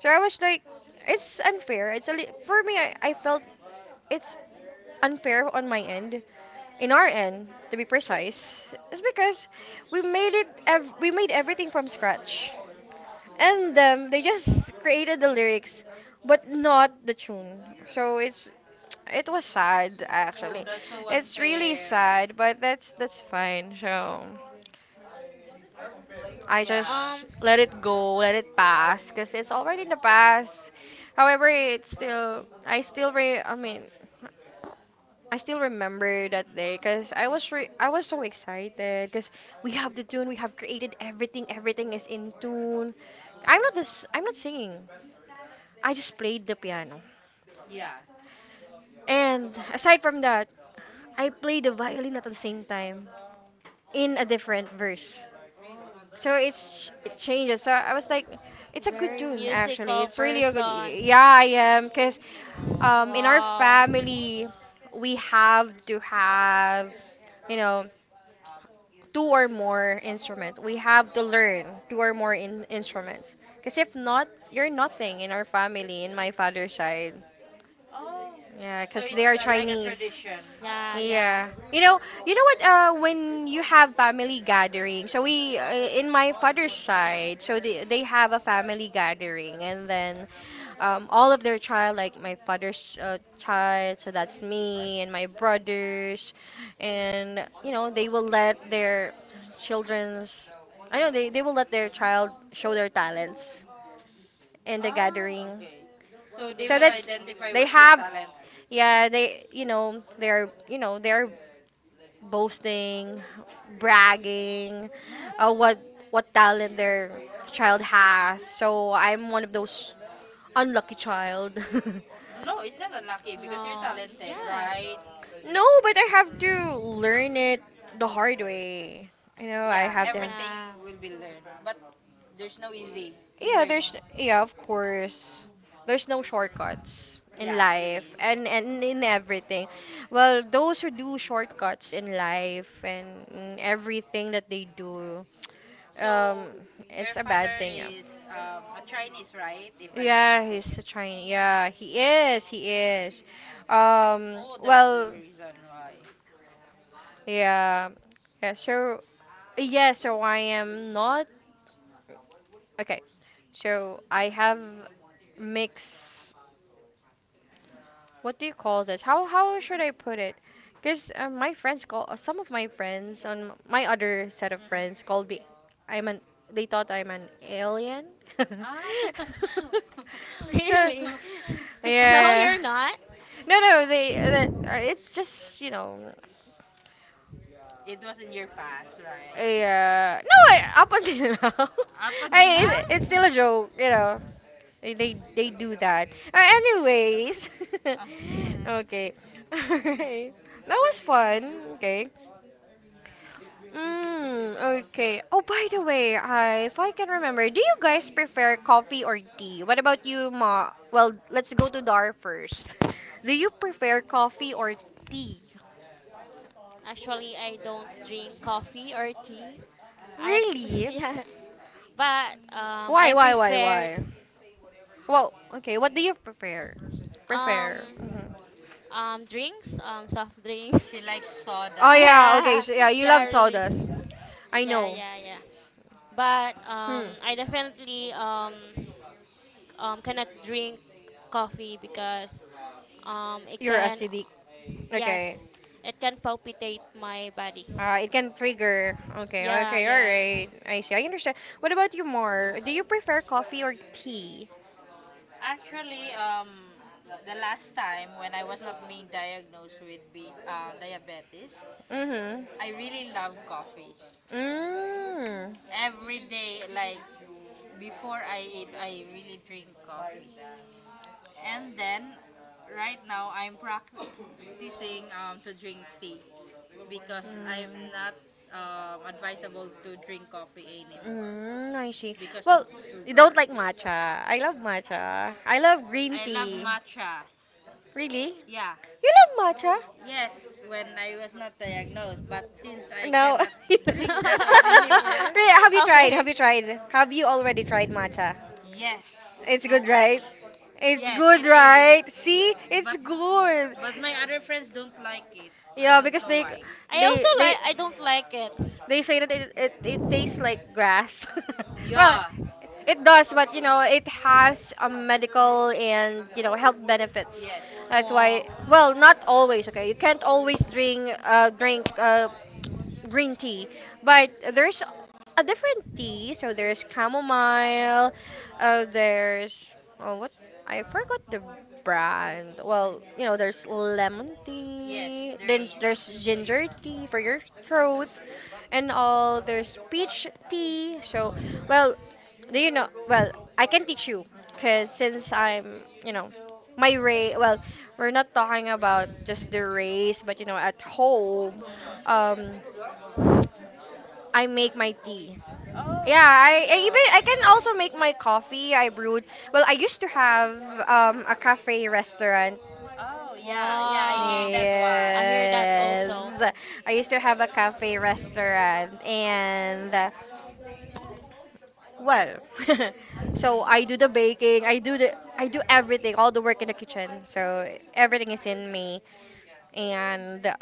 [SPEAKER 1] So I was like, it's unfair. For me, I felt it's unfair on my end, in our end, to be precise, is because we made it. We made everything from scratch, and they just created the lyrics but not the tune. So it's, it was sad
[SPEAKER 3] Oh,
[SPEAKER 1] actually.
[SPEAKER 3] that's so
[SPEAKER 1] It's really
[SPEAKER 3] unfair.
[SPEAKER 1] sad, but that's fine. So I
[SPEAKER 3] Yeah.
[SPEAKER 1] just
[SPEAKER 2] Um,
[SPEAKER 1] let it go, let it pass, because it's already in the past. However, it's still I still re I mean I still remember that day because I
[SPEAKER 3] Mhm.
[SPEAKER 1] was I was so excited because we have the tune, we have created everything, everything is in tune. I'm not this. I'm not singing. I just played the piano.
[SPEAKER 3] Yeah.
[SPEAKER 1] And aside from that, I played the violin at the same time in a different verse.
[SPEAKER 3] Oh.
[SPEAKER 1] So it's, it changes. So I was like, it's a good
[SPEAKER 2] very
[SPEAKER 1] tune actually.
[SPEAKER 2] musical
[SPEAKER 1] It's really a good.
[SPEAKER 2] person.
[SPEAKER 1] Yeah, I am because, in our
[SPEAKER 2] Wow.
[SPEAKER 1] family we have to have, you know two or more instruments. We have to learn two or more instruments. Because if not, you're nothing in our family, in my father's side.
[SPEAKER 3] Oh.
[SPEAKER 1] Yeah,
[SPEAKER 3] So
[SPEAKER 1] because
[SPEAKER 3] it's
[SPEAKER 1] they are
[SPEAKER 3] like a
[SPEAKER 1] Chinese.
[SPEAKER 3] tradition.
[SPEAKER 2] Yeah, yeah.
[SPEAKER 1] Yeah. You know what, when you have family gathering. So we in my father's side, so they have a family gathering, and then all of their child, like my father's child, so that's me and my brothers, and you know, they will let their children's I know they
[SPEAKER 3] Mhm.
[SPEAKER 1] they will let their child show their talents in the
[SPEAKER 3] Ah,
[SPEAKER 1] gathering.
[SPEAKER 3] okay. So they
[SPEAKER 1] So
[SPEAKER 3] will
[SPEAKER 1] that's
[SPEAKER 3] identify
[SPEAKER 1] they
[SPEAKER 3] what's your
[SPEAKER 1] have
[SPEAKER 3] talent.
[SPEAKER 1] Yeah, they're boasting, bragging, uh,
[SPEAKER 3] Ah.
[SPEAKER 1] what what talent their child has. So I'm one of those unlucky child.
[SPEAKER 3] No, it's not unlucky because you're
[SPEAKER 2] No,
[SPEAKER 3] talented,
[SPEAKER 2] yeah.
[SPEAKER 3] right?
[SPEAKER 1] No, but I have to learn it the hard way. You know I
[SPEAKER 3] Yeah,
[SPEAKER 1] have
[SPEAKER 3] everything
[SPEAKER 2] Yeah.
[SPEAKER 3] will be learned, but
[SPEAKER 1] to
[SPEAKER 3] there's no easy in
[SPEAKER 1] Yeah, there's
[SPEAKER 3] learning.
[SPEAKER 1] yeah of course there's no shortcuts in
[SPEAKER 3] Yeah, it
[SPEAKER 1] life,
[SPEAKER 3] is.
[SPEAKER 1] and in everything. Well, those who do shortcuts in life and in everything that they do, um
[SPEAKER 3] So
[SPEAKER 1] it's
[SPEAKER 3] your
[SPEAKER 1] a bad
[SPEAKER 3] father
[SPEAKER 1] thing.
[SPEAKER 3] is
[SPEAKER 1] Yeah,
[SPEAKER 3] a Chinese, right? If I'm not
[SPEAKER 1] yeah, he's
[SPEAKER 3] mistaken.
[SPEAKER 1] a Chinese. Yeah, he is. um
[SPEAKER 3] Oh, that's the
[SPEAKER 1] well
[SPEAKER 3] reason why.
[SPEAKER 1] yeah. yeah so yeah so I am not, okay, so I have mixed. What do you call this? How should I put it? Because my friends call, some of my friends on my other set of
[SPEAKER 3] Mhm.
[SPEAKER 1] friends called me. I'm an. They thought I'm an alien.
[SPEAKER 3] Ah.
[SPEAKER 1] So
[SPEAKER 2] Really? No,
[SPEAKER 1] yeah.
[SPEAKER 2] you're not.
[SPEAKER 1] No, no, they. The- It's just you know.
[SPEAKER 3] it was in your past, right?
[SPEAKER 1] Yeah. No, I, up until now.
[SPEAKER 3] Up until
[SPEAKER 1] I, it's
[SPEAKER 3] now?
[SPEAKER 1] still a joke, you know. They do that. Anyways, okay, alright. That was fun. Okay. Mm, okay. Oh, by the way, I if I can remember, do you guys prefer coffee or tea? What about you, Ma? Well, let's go to Dar first. Do you prefer coffee or tea?
[SPEAKER 2] Actually, I don't drink coffee or tea. I
[SPEAKER 1] Really?
[SPEAKER 2] yes, but I prefer
[SPEAKER 1] Why? Well, okay. What do you prefer? Prefer. Mhm.
[SPEAKER 2] um drinks, um, soft drinks.
[SPEAKER 3] she
[SPEAKER 1] Oh,
[SPEAKER 3] likes
[SPEAKER 1] soda.
[SPEAKER 3] soda.
[SPEAKER 1] Yeah, okay.
[SPEAKER 2] Yeah,
[SPEAKER 1] So yeah, you
[SPEAKER 2] yeah,
[SPEAKER 1] love
[SPEAKER 2] really.
[SPEAKER 1] sodas. I
[SPEAKER 2] Yeah,
[SPEAKER 1] know.
[SPEAKER 2] yeah, yeah. But
[SPEAKER 1] Hmm.
[SPEAKER 2] I definitely cannot drink coffee because it
[SPEAKER 1] You're
[SPEAKER 2] can,
[SPEAKER 1] acidic.
[SPEAKER 2] yes,
[SPEAKER 1] Okay.
[SPEAKER 2] it can palpitate my body.
[SPEAKER 1] It can trigger. Okay,
[SPEAKER 2] Yeah,
[SPEAKER 1] okay,
[SPEAKER 2] yeah.
[SPEAKER 1] alright. I see. I understand. What about you more? Do you prefer coffee or tea?
[SPEAKER 3] Actually, the last time when I was not being diagnosed with be diabetes, I
[SPEAKER 1] Mm-hmm.
[SPEAKER 3] really love coffee.
[SPEAKER 1] Mm.
[SPEAKER 3] Every day, like before I eat, I really drink coffee. And then, right now, I'm practicing to drink tea because I'm
[SPEAKER 1] Mm.
[SPEAKER 3] not advisable to drink coffee anymore
[SPEAKER 1] Mm, I see.
[SPEAKER 3] because of
[SPEAKER 1] Well, you
[SPEAKER 3] sugar.
[SPEAKER 1] don't like matcha. I love matcha. I love green
[SPEAKER 3] I love
[SPEAKER 1] tea.
[SPEAKER 3] matcha.
[SPEAKER 1] Really?
[SPEAKER 3] Yeah.
[SPEAKER 1] You love matcha?
[SPEAKER 3] Yes, when I was not diagnosed, but since I
[SPEAKER 1] No.
[SPEAKER 3] cannot drink that one anymore,
[SPEAKER 1] Really,
[SPEAKER 2] Okay,
[SPEAKER 1] Have you already tried matcha?
[SPEAKER 3] yes,
[SPEAKER 1] It's
[SPEAKER 3] so
[SPEAKER 1] good,
[SPEAKER 3] much.
[SPEAKER 1] right? It's
[SPEAKER 3] Yes,
[SPEAKER 1] good,
[SPEAKER 3] it is.
[SPEAKER 1] right? See? It's
[SPEAKER 3] But
[SPEAKER 1] good.
[SPEAKER 3] but my other friends don't like it. I
[SPEAKER 1] Yeah,
[SPEAKER 3] don't
[SPEAKER 1] because
[SPEAKER 3] know why.
[SPEAKER 2] also
[SPEAKER 1] they
[SPEAKER 2] like
[SPEAKER 1] they
[SPEAKER 2] I don't like it.
[SPEAKER 1] they say that it tastes like grass. Well,
[SPEAKER 3] Yeah.
[SPEAKER 1] it does, but you know, it has a medical and you know health benefits.
[SPEAKER 3] Yes.
[SPEAKER 1] That's
[SPEAKER 2] Wow.
[SPEAKER 1] why. Well,
[SPEAKER 2] Well,
[SPEAKER 1] not always. Okay, you can't always drink drink green tea. But there's a different tea. So there's chamomile. There's, oh, what I forgot, the brand. Well, you know, there's lemon, yes,
[SPEAKER 3] Yes,
[SPEAKER 1] tea.
[SPEAKER 3] there
[SPEAKER 1] Then
[SPEAKER 3] is.
[SPEAKER 1] there's ginger tea for your throat, and all. There's peach tea. So, well, do you know? Well, I can teach you, cause since I'm, you know, my race. Well, we're not talking about just the race, but you know, at home.
[SPEAKER 3] Mhm.
[SPEAKER 1] Um, I make my tea.
[SPEAKER 3] Oh.
[SPEAKER 1] Yeah. Oh, I even I can also make my coffee. I brewed. Well, I used to have a cafe restaurant.
[SPEAKER 3] Oh yeah, yeah, I hear
[SPEAKER 2] wow.
[SPEAKER 3] that one.
[SPEAKER 2] I hear that also.
[SPEAKER 1] Yes, I used to have a cafe restaurant, and well, so I do the baking. I do everything, all the work in the kitchen. So everything is in me, and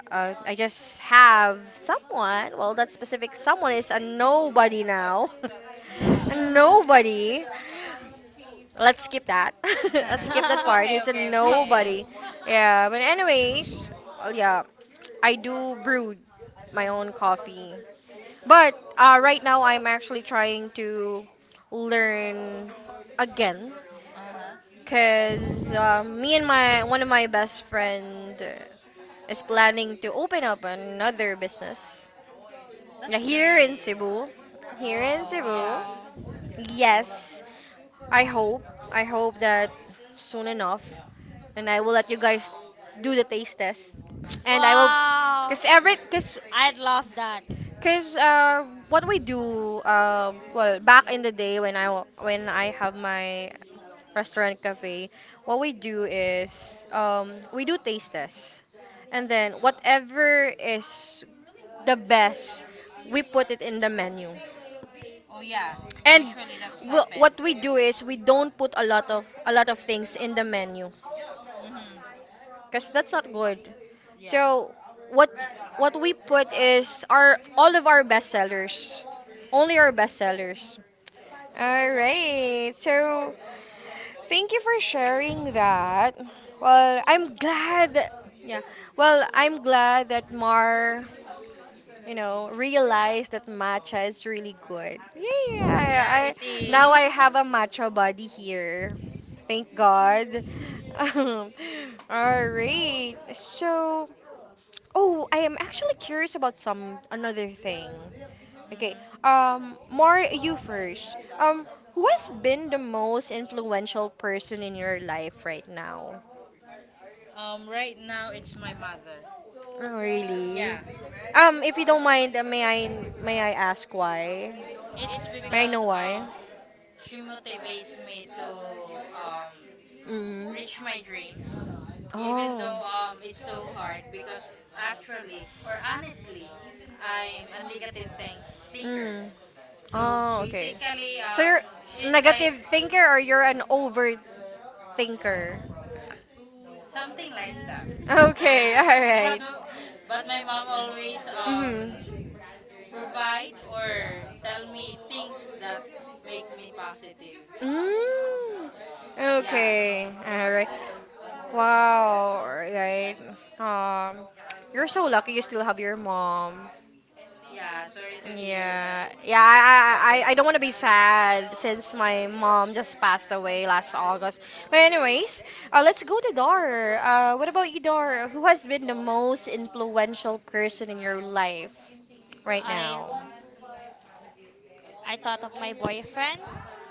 [SPEAKER 1] I just have someone. Well, that specific someone is a nobody now.
[SPEAKER 3] Mhm.
[SPEAKER 1] A
[SPEAKER 3] Mhm.
[SPEAKER 2] Okay.
[SPEAKER 1] nobody. Let's skip that. Let's skip that part.
[SPEAKER 3] okay,
[SPEAKER 1] He's a
[SPEAKER 3] okay, okay.
[SPEAKER 1] nobody. Yeah, but anyways, well, yeah, I do brew my own coffee. But right now, I'm actually trying to learn again
[SPEAKER 3] Uh huh.
[SPEAKER 1] because me and my one of my best friend is planning to open up another business. Yeah,
[SPEAKER 3] That's
[SPEAKER 1] here in
[SPEAKER 3] great.
[SPEAKER 1] Cebu. Here in
[SPEAKER 3] Oh
[SPEAKER 1] Cebu.
[SPEAKER 3] yeah.
[SPEAKER 2] Wow.
[SPEAKER 1] Yes, I hope. I hope that soon enough, and I will let you guys do the taste test, and I will,
[SPEAKER 2] Wow.
[SPEAKER 1] cause every, cause
[SPEAKER 2] I'd love that.
[SPEAKER 1] cause what we do, well, back in the day when I when I have my restaurant cafe, what we do is, we do taste tests, and then whatever is the best, we put it in the menu.
[SPEAKER 3] Oh yeah.
[SPEAKER 1] And
[SPEAKER 3] Usually that happen.
[SPEAKER 1] what we do is we don't put a lot of things in the menu
[SPEAKER 3] Mhm.
[SPEAKER 1] because that's not good. Yeah.
[SPEAKER 3] Yeah.
[SPEAKER 1] So what what we put is our all of our bestsellers, only our bestsellers. All right. So, thank you for sharing that. Well, I'm glad. That, yeah. Well, I'm glad that Mar, you know, realize that matcha is really good. Yeah, yeah,
[SPEAKER 3] Yeah, it
[SPEAKER 1] I
[SPEAKER 3] is.
[SPEAKER 1] now I have a matcha body here. Thank God. Um, all right. So, oh, I am actually curious about some another thing. Okay.
[SPEAKER 3] Mhm.
[SPEAKER 1] More, you first. Who has been the most influential person in your life right now?
[SPEAKER 3] Right now it's my mother.
[SPEAKER 1] Oh, really?
[SPEAKER 3] Yeah,
[SPEAKER 1] If you don't mind, may I ask why?
[SPEAKER 3] it's
[SPEAKER 1] May I
[SPEAKER 3] because
[SPEAKER 1] know why?
[SPEAKER 3] she motivates me to um,
[SPEAKER 1] Um. Mm.
[SPEAKER 3] reach my dreams, even though it's
[SPEAKER 1] Oh.
[SPEAKER 3] so hard. Because actually, or honestly, I'm a negative thinker.
[SPEAKER 1] Mm. So,
[SPEAKER 3] So
[SPEAKER 1] oh, okay.
[SPEAKER 3] basically,
[SPEAKER 1] So you're
[SPEAKER 3] she's like
[SPEAKER 1] negative thinker or you're an overthinker?
[SPEAKER 3] something like that.
[SPEAKER 1] Okay, all But
[SPEAKER 3] but
[SPEAKER 1] right.
[SPEAKER 3] but my mom always
[SPEAKER 1] Mhm.
[SPEAKER 3] provide or tell me things that makes me positive.
[SPEAKER 1] Mm,
[SPEAKER 3] Yeah.
[SPEAKER 1] okay, all right. Wow, right. Um, you're so lucky you still have your mom.
[SPEAKER 3] Yeah, sorry to hear that
[SPEAKER 1] Yeah, yeah.
[SPEAKER 3] about you.
[SPEAKER 1] I don't want to be sad since my mom just passed away last August. But anyways, let's go to Dar. What about you, Dar? Who has been the most influential person in your life right
[SPEAKER 2] I
[SPEAKER 1] now?
[SPEAKER 2] I thought of my boyfriend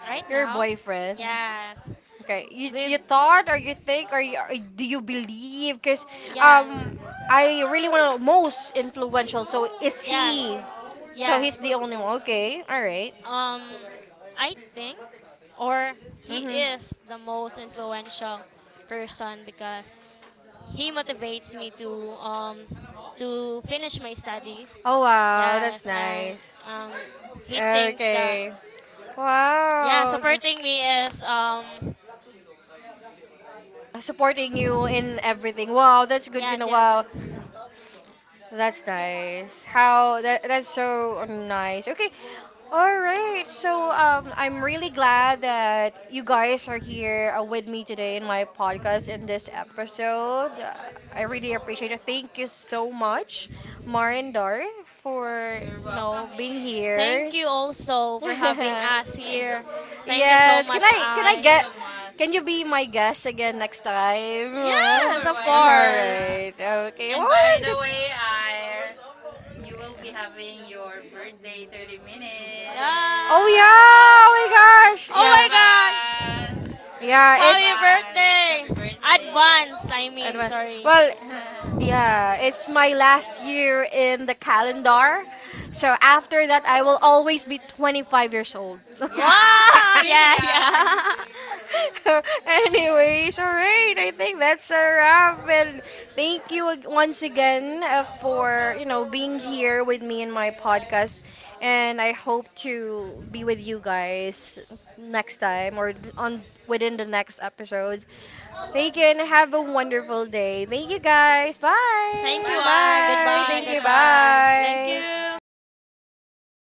[SPEAKER 2] right
[SPEAKER 1] Your
[SPEAKER 2] now.
[SPEAKER 1] boyfriend.
[SPEAKER 2] Yes.
[SPEAKER 1] Okay, you
[SPEAKER 2] We've
[SPEAKER 1] you thought or you think, or, you, or do you believe? Because
[SPEAKER 2] yeah.
[SPEAKER 1] um, I really want to most influential. So is
[SPEAKER 2] Yes.
[SPEAKER 1] he? So he's
[SPEAKER 2] Yes.
[SPEAKER 1] the only one. Okay, all right.
[SPEAKER 2] Um, I think, or he
[SPEAKER 1] Mhm.
[SPEAKER 2] is the most influential person because he motivates me to finish my studies.
[SPEAKER 1] Oh wow, that's
[SPEAKER 2] Yes, and
[SPEAKER 1] nice.
[SPEAKER 2] um, he thinks that,
[SPEAKER 1] Okay.
[SPEAKER 2] yeah,
[SPEAKER 1] Wow.
[SPEAKER 2] supporting me is um,
[SPEAKER 1] Supporting you in everything. Wow, that's good to
[SPEAKER 2] yes,
[SPEAKER 1] know.
[SPEAKER 2] yes,
[SPEAKER 1] Wow.
[SPEAKER 2] yes.
[SPEAKER 1] That's nice. How that that's so nice. Okay. All right. So I'm really glad that you guys are here with me today in my podcast in this episode. I really appreciate it. Thank you so much, Mar and Dar, for
[SPEAKER 3] You're
[SPEAKER 1] you
[SPEAKER 3] welcome
[SPEAKER 1] know being
[SPEAKER 3] here.
[SPEAKER 1] here.
[SPEAKER 2] Thank you also for having us here. Thank you so
[SPEAKER 1] Yes,
[SPEAKER 2] much,
[SPEAKER 1] can I
[SPEAKER 3] Thank you
[SPEAKER 2] I.
[SPEAKER 1] get,
[SPEAKER 3] so much.
[SPEAKER 1] can you be my guest again next time?
[SPEAKER 2] Yes,
[SPEAKER 3] Sure,
[SPEAKER 2] of
[SPEAKER 1] All
[SPEAKER 3] why
[SPEAKER 2] course.
[SPEAKER 3] not?
[SPEAKER 1] right. Okay.
[SPEAKER 3] And
[SPEAKER 1] Well,
[SPEAKER 3] by
[SPEAKER 1] that's
[SPEAKER 3] the way, I
[SPEAKER 1] good.
[SPEAKER 3] you will be having your birthday 30 minutes.
[SPEAKER 1] Oh
[SPEAKER 2] Yeah.
[SPEAKER 1] yeah! Oh my gosh!
[SPEAKER 3] Ah!
[SPEAKER 2] Oh
[SPEAKER 1] Yeah.
[SPEAKER 2] my god.
[SPEAKER 3] Advance.
[SPEAKER 1] Yeah, it's
[SPEAKER 2] Happy
[SPEAKER 3] Advance. Happy
[SPEAKER 2] birthday.
[SPEAKER 3] birthday.
[SPEAKER 2] Advance, I mean,
[SPEAKER 1] Advan-
[SPEAKER 2] sorry.
[SPEAKER 1] Well, birthday. Yeah, it's my last year in the calendar. So after that, I will always be 25 years old.
[SPEAKER 3] yeah,
[SPEAKER 2] Wow,
[SPEAKER 3] still
[SPEAKER 2] yeah,
[SPEAKER 3] young.
[SPEAKER 2] yeah.
[SPEAKER 1] Anyways, all right. I think that's a wrap. And thank you once again, for you know being here with me in my podcast. And I hope to be with you guys next time or on within the next episodes. Thank you and have a wonderful day. Thank you guys. Bye.
[SPEAKER 2] Thank you,
[SPEAKER 1] Bye.
[SPEAKER 2] I.
[SPEAKER 3] Bye.
[SPEAKER 1] Bye.
[SPEAKER 3] Thank
[SPEAKER 2] Goodbye,
[SPEAKER 1] Thank
[SPEAKER 3] you,
[SPEAKER 1] you.
[SPEAKER 3] I.
[SPEAKER 2] goodbye. Thank
[SPEAKER 1] Bye.
[SPEAKER 2] you.
[SPEAKER 3] Goodbye.